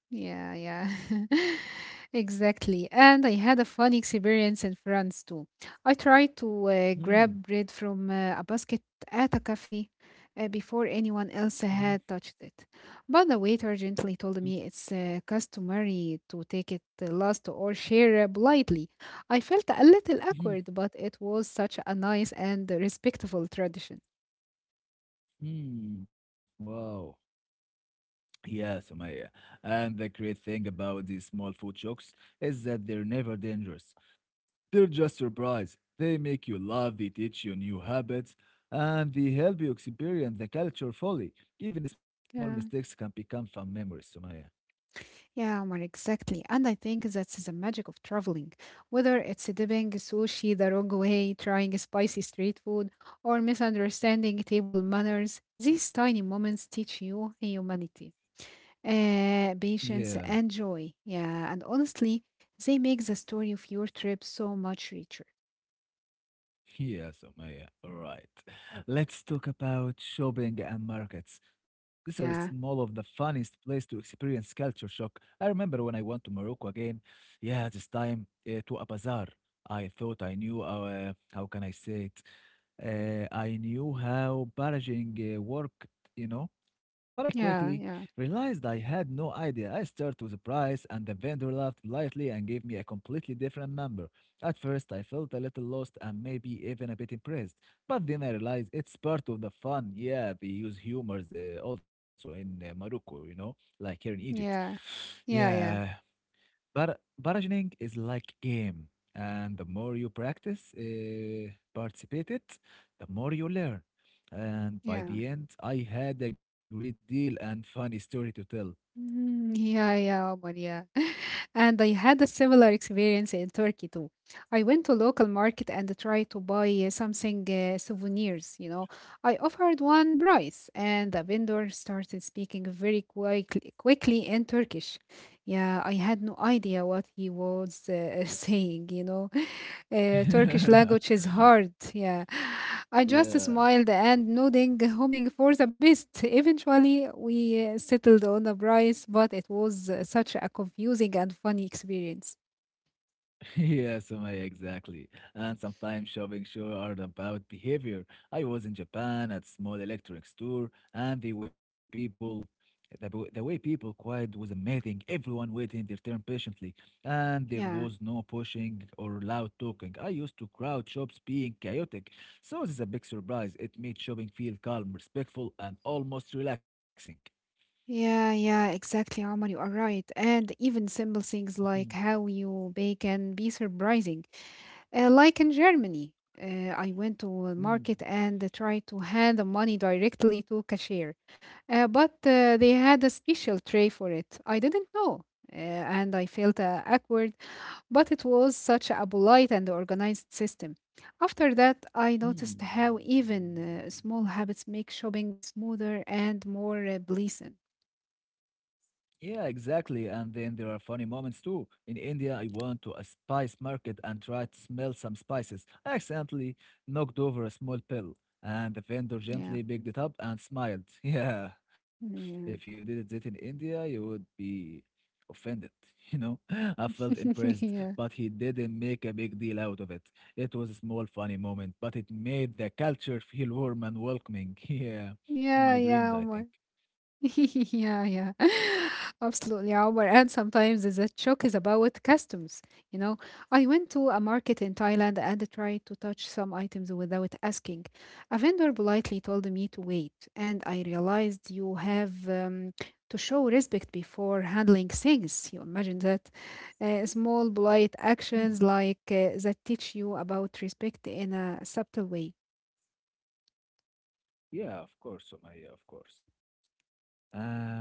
B: Yeah, yeah. Exactly. And I had a funny experience in France too. I tried to uh,
A: Mm-hmm.
B: grab bread from uh, a basket at a cafe uh, before anyone
A: Mm-hmm.
B: else had touched it. But the waiter gently told me it's uh, customary to take it uh, last or share uh, politely. I felt a little awkward, but it was such a nice and respectful tradition.
A: Mm-hmm. Wow. Yeah, Maya. And the great thing about these small food jokes is that they're never dangerous. They're just surprise. They make you laugh, they teach you new habits, and they help you experience the culture fully. Even small
B: Yeah.
A: mistakes can become fun memories, Sumaya.
B: Yeah, Omar, exactly. And I think that's the magic of traveling. Whether it's dipping sushi the wrong way, trying spicy street food, or misunderstanding table manners, these tiny moments teach you humanity, uh,
A: Yeah.
B: patience, and joy. Yeah, and honestly, they make the story of your trip so much richer.
A: Yes, Omaya, all right. Let's talk about shopping and markets. These are small
B: Yeah,
A: of the funniest place to experience culture shock. I remember when I went to Morocco again, yeah, this time uh, to a bazaar. I thought I knew, uh, how can I say it? Uh, I knew how barraging uh, worked, you know, but I quickly
B: yeah, yeah,
A: realized I had no idea. I started with the price, and the vendor laughed politely and gave me a completely different number. At first, I felt a little lost and maybe even a bit impressed, but then I realized it's part of the fun. Yeah, they use humors uh, also in uh, Morocco, you know, like here in Egypt.
B: yeah, yeah,
A: Yeah,
B: yeah,
A: but bargaining is like game, and the more you practice, uh, participate it, the more you learn. And by
B: yeah.
A: the end, I had a great deal and funny story to tell.
B: Mm, yeah, yeah, Omar, yeah. And I had a similar experience in Turkey too. I went to local market and tried to buy uh, something uh, souvenirs, you know. I offered one price and the vendor started speaking very quickly, quickly in Turkish. Yeah, I had no idea what he was uh, saying, you know. Uh, Turkish language is hard. Yeah. I just
A: yeah.
B: smiled and nodding, hoping for the best. Eventually, we uh, settled on a price, but it was uh, such a confusing and funny experience.
A: Yes, Sumaya, exactly. And sometimes shopping shows are about behavior. I was in Japan at small electric store, and the way people, the, w- the way people quiet was amazing. Everyone waiting their turn patiently, and there
B: Yeah.
A: was no pushing or loud talking. I used to crowd shops being chaotic, so this is a big surprise. It made shopping feel calm, respectful, and almost relaxing.
B: Yeah, yeah, exactly, Omar. You are right. And even simple things
A: Mhm.
B: like how you bake can be surprising. Uh, like in Germany, uh, I went to a
A: Mm,
B: market and tried to hand the money directly to cashier, uh, but uh, they had a special tray for it. I didn't know, uh, and I felt uh, awkward. But it was such a polite and organized system. After that, I noticed
A: mm.
B: how even uh, small habits make shopping smoother and more uh, pleasant.
A: Yeah, exactly. And then there are funny moments too. In India, I went to a spice market and tried to smell some spices. I accidentally knocked over a small pill, and the vendor
B: Yeah,
A: gently picked it up and smiled. Yeah, if you
B: yeah,
A: did it in India, you would be offended, you know? I felt impressed,
B: yeah,
A: but he didn't make a big deal out of it. It was a small, funny moment, but it made the culture feel warm and welcoming. Yeah, in my
B: yeah,
A: dreams,
B: yeah.
A: I think.
B: Omar. Yeah, yeah. Absolutely, yeah, Omar. And sometimes the shock is about customs. You know, I went to a market in Thailand and tried to touch some items without asking. A vendor politely told me to wait, and I realized you have um, to show respect before handling things. You imagine that? Uh, small polite
A: Hmm.
B: actions like uh, that teach you about respect in a subtle way.
A: Yeah, of course, Sumaya, of course. And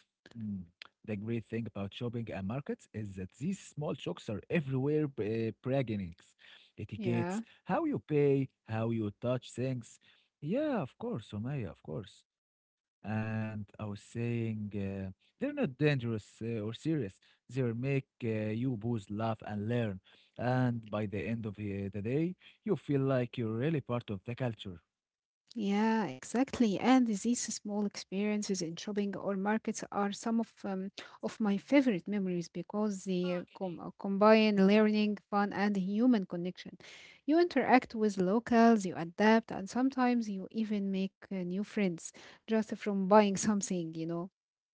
A: mm, the great thing about shopping and markets is that these small shops are everywhere, uh, bargainings, etiquettes,
B: Yeah.
A: how you pay, how you touch things. Yeah, of course, Sumaya, of course. And I was saying, uh, they're not dangerous uh, or serious. They'll make uh, you both laugh and learn. And by the end of uh, the day, you feel like you're really part of the culture.
B: Yeah, exactly. And these small experiences in shopping or markets are some of um, of my favorite memories because they uh, com uh, combine learning, fun, and human connection. You interact with locals, you adapt, and sometimes you even make uh, new friends just from buying something, you know.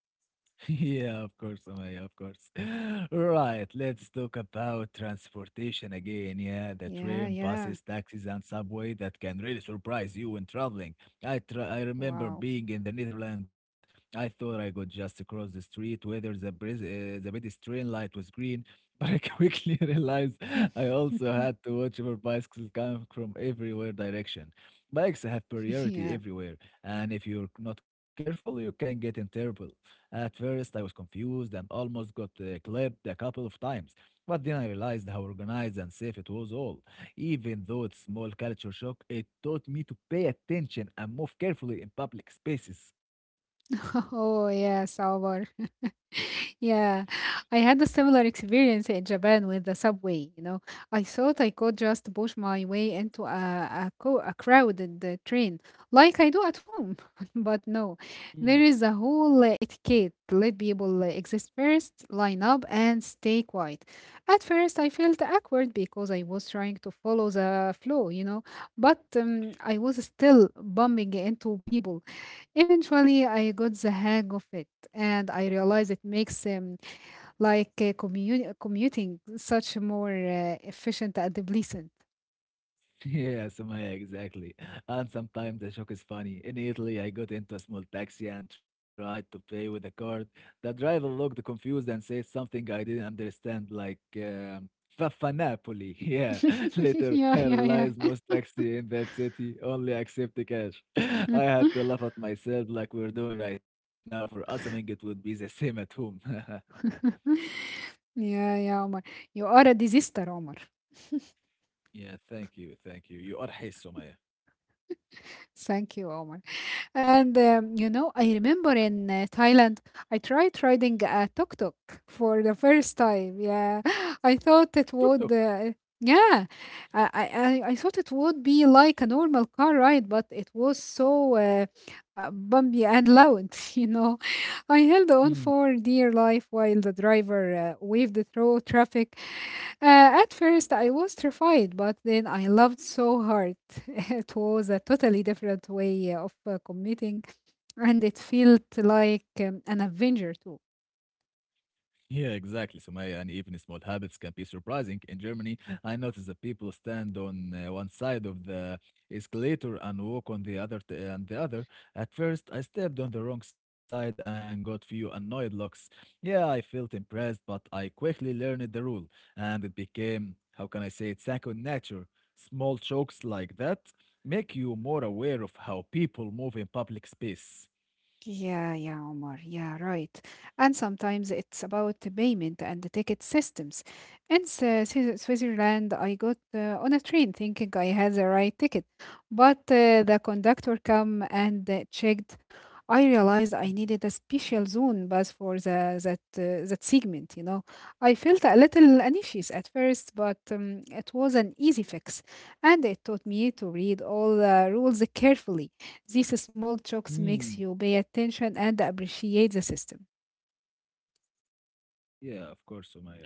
A: Yeah, of course, Amaya, of course. Right, let's talk about transportation again. Yeah, the
B: Yeah,
A: train,
B: yeah.
A: buses, taxis, and subway that can really surprise you when traveling. I tra I remember
B: Wow.
A: being in the Netherlands. I thought I could just cross the street, whether the bris uh, the pedestrian light was green, but I quickly realized I also had to watch for bicycles coming from everywhere direction. Bikes have priority
B: Yeah.
A: everywhere, and if you're not careful, you can get in trouble. At first, I was confused and almost got uh, clipped a couple of times, but then I realized how organized and safe it was all. Even though it's small culture shock, it taught me to pay attention and move carefully in public spaces.
B: Oh, yeah, Salvar. Yeah, I had a similar experience in Japan with the subway. You know, I thought I could just push my way into a a, co- a crowded uh, train like I do at home, but no, there is a whole uh, etiquette. Let people uh, exist first, line up, and stay quiet. At first, I felt awkward because I was trying to follow the flow, you know, but um, I was still bumping into people. Eventually, I got the hang of it, and I realized it makes um, like uh, commu- commuting such more uh, efficient and pleasant.
A: Yeah, Sumaya, exactly. And sometimes the shock is funny. In Italy, I got into a small taxi and tried to pay with a card. The driver looked confused and said something I didn't understand, like um, Faffanapoli. Yeah. Later,
B: yeah,
A: I
B: yeah,
A: realized
B: yeah.
A: most taxi in that city only accept cash. I had to laugh at myself like we're doing right now for assuming it would be the same at home.
B: Yeah, yeah, Omar. You are a disaster, Omar.
A: Yeah, thank you, thank you. You are. Hey, Sumaya.
B: Thank you, Omar. And um, you know, I remember in uh, Thailand, I tried riding a tuk tuk for the first time. Yeah, I thought it
A: Tuk tuk.
B: would. Uh, yeah, I, I I I thought it would be like a normal car ride, but it was so uh, uh, bumpy and loud, you know. I held on for dear life while the driver uh, waved through traffic. Uh, at first, I was terrified, but then I loved so hard. It was a totally different way of uh, commuting, and it felt like um, an adventure too.
A: Yeah, exactly, Sumaya, and even small habits can be surprising. In Germany, I notice that people stand on uh, one side of the escalator and walk on the other t- and the other. At first, I stepped on the wrong side and got few annoyed looks. Yeah, I felt impressed, but I quickly learned the rule, and it became, how can I say it, second nature. Small jokes like that make you more aware of how people move in public space.
B: Yeah, yeah, Omar. Yeah, right. And sometimes it's about the payment and the ticket systems. In Swi- Swi- Switzerland, I got uh, on a train thinking I had the right ticket, but uh, the conductor came and uh, checked. I realized I needed
A: Mhm.
B: a special zone bus for the that uh, that segment. You know, I felt a little anxious at first, but um, it was an easy fix, and it taught me to read all the rules carefully. These small jokes makes
A: Hmm.
B: you pay attention and appreciate the system.
A: Yeah, of course, Sumaya, of course.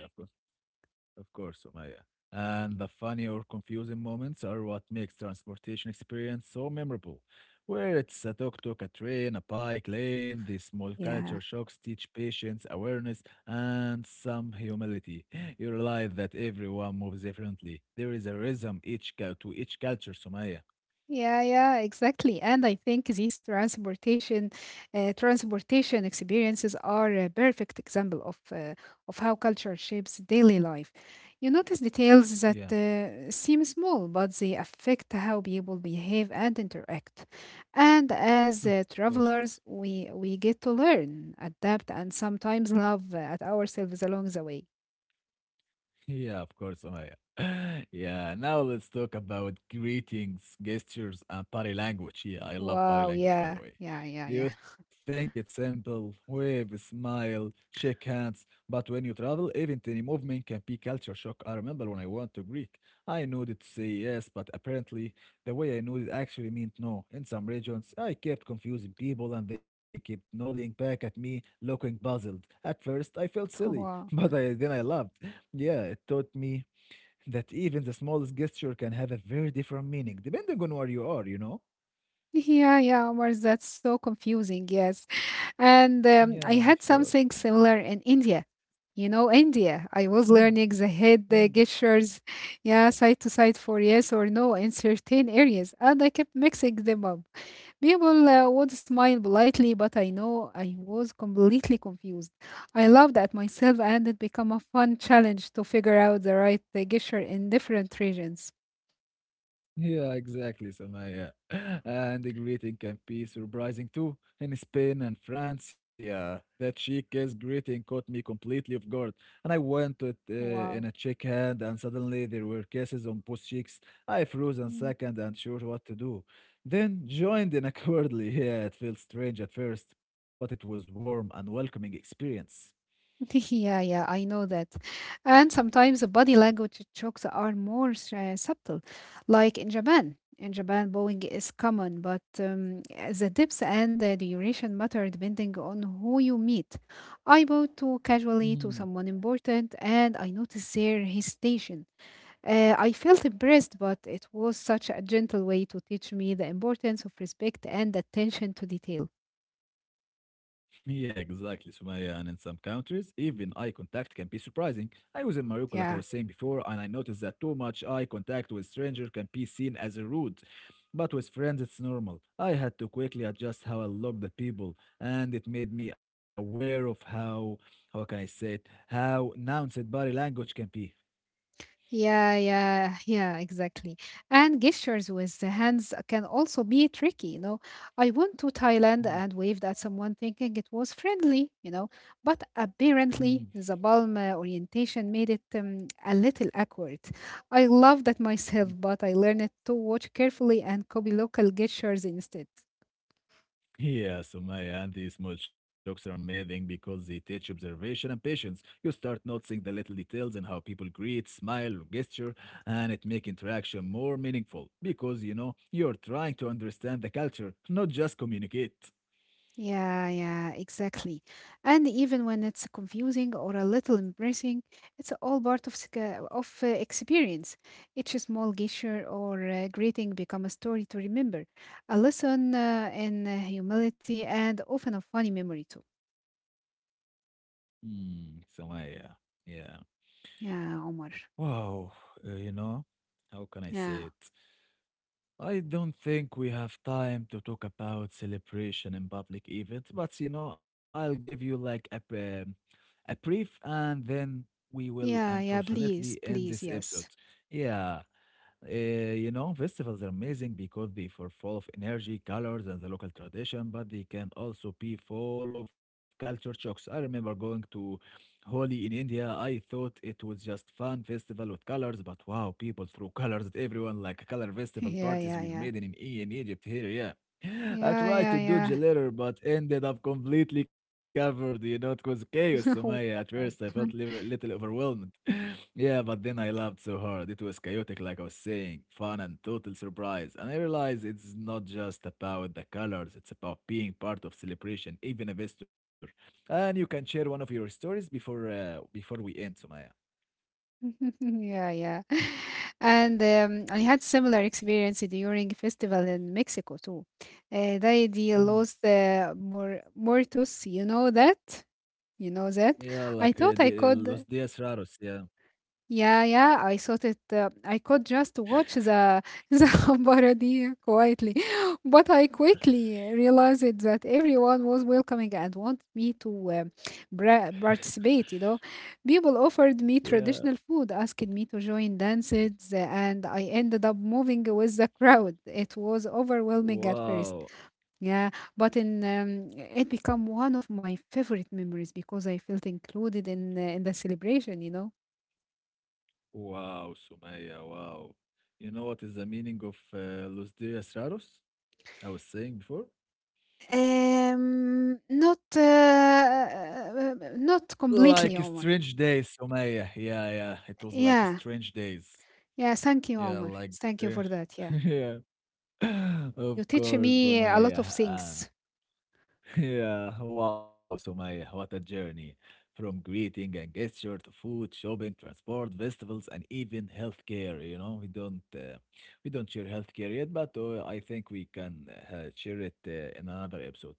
A: Of course, Umaya. And the funny or confusing moments are what makes transportation experience so memorable. Where it's a tuk-tuk, a train, a bike lane, these small
B: Yeah.
A: culture shocks teach patience, awareness, and some humility. You realize that everyone moves differently. There is a rhythm each cul- to each culture, Sumaya.
B: Yeah, yeah, exactly. And I think these transportation uh, transportation experiences are a perfect example of uh, of how culture shapes daily life. You notice details that
A: Yeah,
B: uh, seem small, but they affect how people behave and interact. And as
A: of
B: uh,
A: course.
B: travelers, we we get to learn, adapt, and sometimes love at ourselves along the way.
A: Yeah, of course, Omaya. Yeah, now let's talk about greetings, gestures, and body language. Yeah, I love body
B: Wow,
A: language, by
B: yeah,
A: the way.
B: yeah, yeah, yeah.
A: You think it's simple, wave, smile, shake hands, but when you travel, even tiny movement can be culture shock. I remember when I went to Greek, I nodded to say yes, but apparently the way I nodded actually meant no. In some regions, I kept confusing people and they kept nodding back at me, looking puzzled. At first, I felt silly, but
B: Wow.
A: I, then I laughed. Yeah, it taught me that even the smallest gesture can have a very different meaning depending on where you are, you know?
B: Yeah, yeah, Omar, that's so confusing. Yes. And
A: Yeah,
B: um,
A: of
B: I
A: course.
B: had something similar in India. You know, India, I was
A: Mm,
B: learning the head
A: yeah.
B: the gestures, yeah, side to side for yes or no in certain areas, and I kept mixing them up. People uh, would smile politely, but I know I was completely confused. I laughed at myself, and it became a fun challenge to figure out the right uh, gesture in different regions.
A: Yeah, exactly, Samaya. And the greeting can be surprising too. In Spain and France, yeah, that chic guest greeting caught me completely off guard. And I went to it uh, in
B: Wow.
A: a check hand, and suddenly there were kisses on both cheeks. I froze a
B: Hmm.
A: second, unsure what to do. Then joined in awkwardly. Yeah, it felt strange at first, but it was warm and welcoming experience.
B: yeah, yeah, I know that. And sometimes the body language jokes are more s- uh, subtle, like in Japan. In Japan, bowing is common, but um, the depth and the duration matter depending on who you meet. I bowed too casually to someone important, and I noticed their hesitation. Uh, I felt impressed, but it was such a gentle way to teach me the importance of respect and attention to detail.
A: Yeah, exactly, Sumaya. And in some countries, even eye contact can be surprising. I was in Morocco, like I was
B: Yeah.
A: saying before, and I noticed that too much eye contact with stranger can be seen as rude. But with friends, it's normal. I had to quickly adjust how I looked at people, and it made me aware of how, how can I say it, how nuanced body language can be.
B: Yeah, yeah, yeah, exactly. And gestures with the hands can also be tricky, you know. I went to Thailand
A: Mm,
B: and waved at someone thinking it was friendly, you know, but
A: mm.
B: apparently the palm uh, orientation made it um, a little awkward. I love that myself, but I learned to watch carefully and copy local gestures instead.
A: Yeah, Sumaya, and these small shocks are amazing because they teach observation and patience. You start noticing the little details in how people greet, smile, or gesture, and it make interaction more meaningful because you know you're trying to understand the culture, not just communicate.
B: Yeah, yeah, exactly. And even when it's confusing or a little embarrassing, it's all part of sc- uh, of uh, experience. Each small gesture or uh, greeting become a story to remember, a lesson uh, in uh, humility, and often a funny memory too.
A: Mm, Sumaya, yeah.
B: Yeah, Omar.
A: Wow, uh, you know, how can I
B: Yeah,
A: say it? I don't think we have time to talk about celebration in public events, but you know, I'll give you like a, br- a brief and then we will
B: yeah, yeah.
A: unfortunately
B: Please,
A: end this
B: please,
A: episode.
B: yes.
A: Yeah. Uh, you know, festivals are amazing because they are full of energy, colors, and the local tradition, but they can also be full of culture shocks. I remember going to Holi in India. I thought it was just fun festival with colors, but wow, people threw colors at everyone like color festival
B: Yeah,
A: parties
B: yeah,
A: were
B: yeah,
A: made in, E- in Egypt here, yeah. I
B: yeah,
A: tried to do
B: yeah,
A: gelator, but ended up completely covered. You know, it was chaos,
B: yeah.
A: Sumaya. At
B: Wow.
A: first, I felt a little, little overwhelmed. Yeah, but then I laughed so hard. It was chaotic, like I was saying, fun and total surprise. And I realized it's not just about the colors, it's about being part of celebration, even a visitor. And you can share one of your stories before uh, before we end, Sumaya.
B: Yeah, yeah. And um, I had similar experience during festival in Mexico too. Uh, they the los
A: Mm.
B: uh, mor- muertos, you know that? You know that?
A: Yeah,
B: I
A: like uh,
B: thought I
A: the, uh,
B: could.
A: Los Días Raros. Yeah.
B: Yeah, yeah, I thought it. Uh, I could just watch the the parody quietly, but I quickly realized that everyone was welcoming and wanted me to uh, bra- participate. You know, people offered me
A: Yeah.
B: traditional food, asked me to join dances, uh, and I ended up moving with the crowd. It was overwhelming at first,
A: Wow.
B: yeah, but in um, it became one of my favorite memories because I felt included in uh, in the celebration. You know.
A: Wow, Sumaya, wow. You know what is the meaning of uh, Los Dias Raros? I was saying before?
B: Um, not uh, uh, not
A: Like a
B: completely,
A: strange
B: Omar.
A: days, Sumaya. Yeah, yeah. It was like
B: Yeah,
A: strange days.
B: yeah. Thank you,
A: Yeah,
B: Omar.
A: like
B: Thank you
A: str-
B: for that. Yeah,
A: yeah. Of
B: you teach
A: course,
B: me a lot of
A: Sumaya.
B: things.
A: Yeah, wow, Sumaya, what a journey. From greeting and gesture to food, shopping, transport, festivals, and even healthcare. You know, we don't uh, we don't share healthcare yet, but uh, I think we can uh, share it uh, in another episode.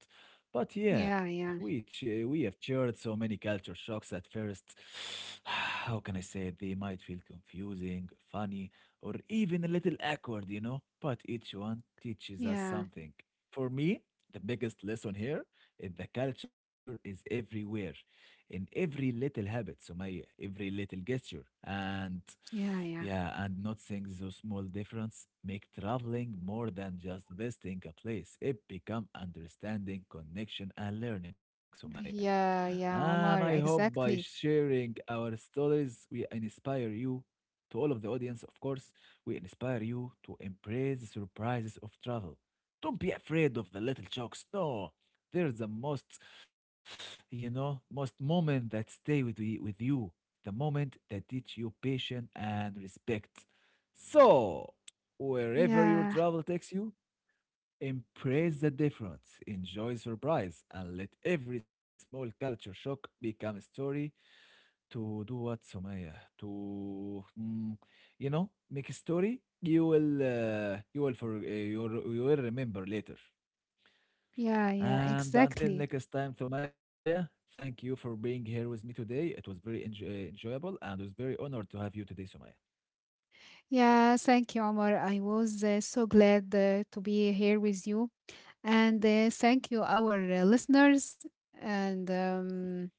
A: But yeah,
B: Yeah,
A: we
B: yeah,
A: ch we have shared so many culture shocks at first. How can I say it? They might feel confusing, funny, or even a little awkward, you know. But each one teaches us
B: yeah,
A: something. For me, the biggest lesson here is the culture is everywhere, in every little habit, so my every little gesture. And
B: yeah, yeah,
A: yeah, and noticing those small difference make traveling more than just visiting a place. It become understanding, connection, and learning, Sumaya.
B: yeah, yeah,
A: And I
B: Omar.
A: hope by
B: Exactly.
A: sharing our stories, we inspire you, to all of the audience, of course, we inspire you to embrace the surprises of travel. Don't be afraid of the little shocks. No, there's the most, you know, most moment that stay with, we, with you, the moment that teach you patience and respect. So, wherever your
B: Yeah,
A: travel takes you, embrace the difference, enjoy surprise, and let every small culture shock become a story to do what, Sumaya? To, mm, you know, make a story you will, uh, you will for, uh, you, will- you will remember later.
B: yeah, yeah.
A: And until
B: Exactly.
A: next time, Sumaya, thank you for being here with me today. It was very enj- uh, enjoyable, and I was very honored to have you today, Sumaya.
B: Yeah. Thank you, Omar. I was uh, so glad uh, to be here with you, and uh, thank you, our uh, listeners. And um,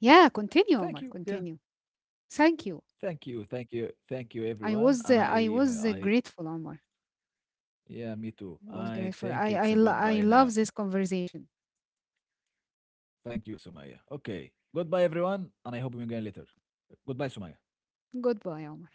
B: yeah, continue,
A: Thank
B: Omar.
A: you. Yeah,
B: Continue. Thank you.
A: thank you, thank you, thank you,
B: I was uh,
A: everyone.
B: I
A: And
B: was uh,
A: I,
B: grateful,
A: I,
B: Omar.
A: Yeah, me
B: I was
A: too.
B: grateful.
A: I
B: I I
A: think
B: lo-
A: it's a
B: I love
A: goodbye
B: this
A: now.
B: conversation.
A: Thank you, Sumaya. Okay. Goodbye, everyone, and I hope we meet again later. Goodbye, Sumaya.
B: Goodbye, Omar.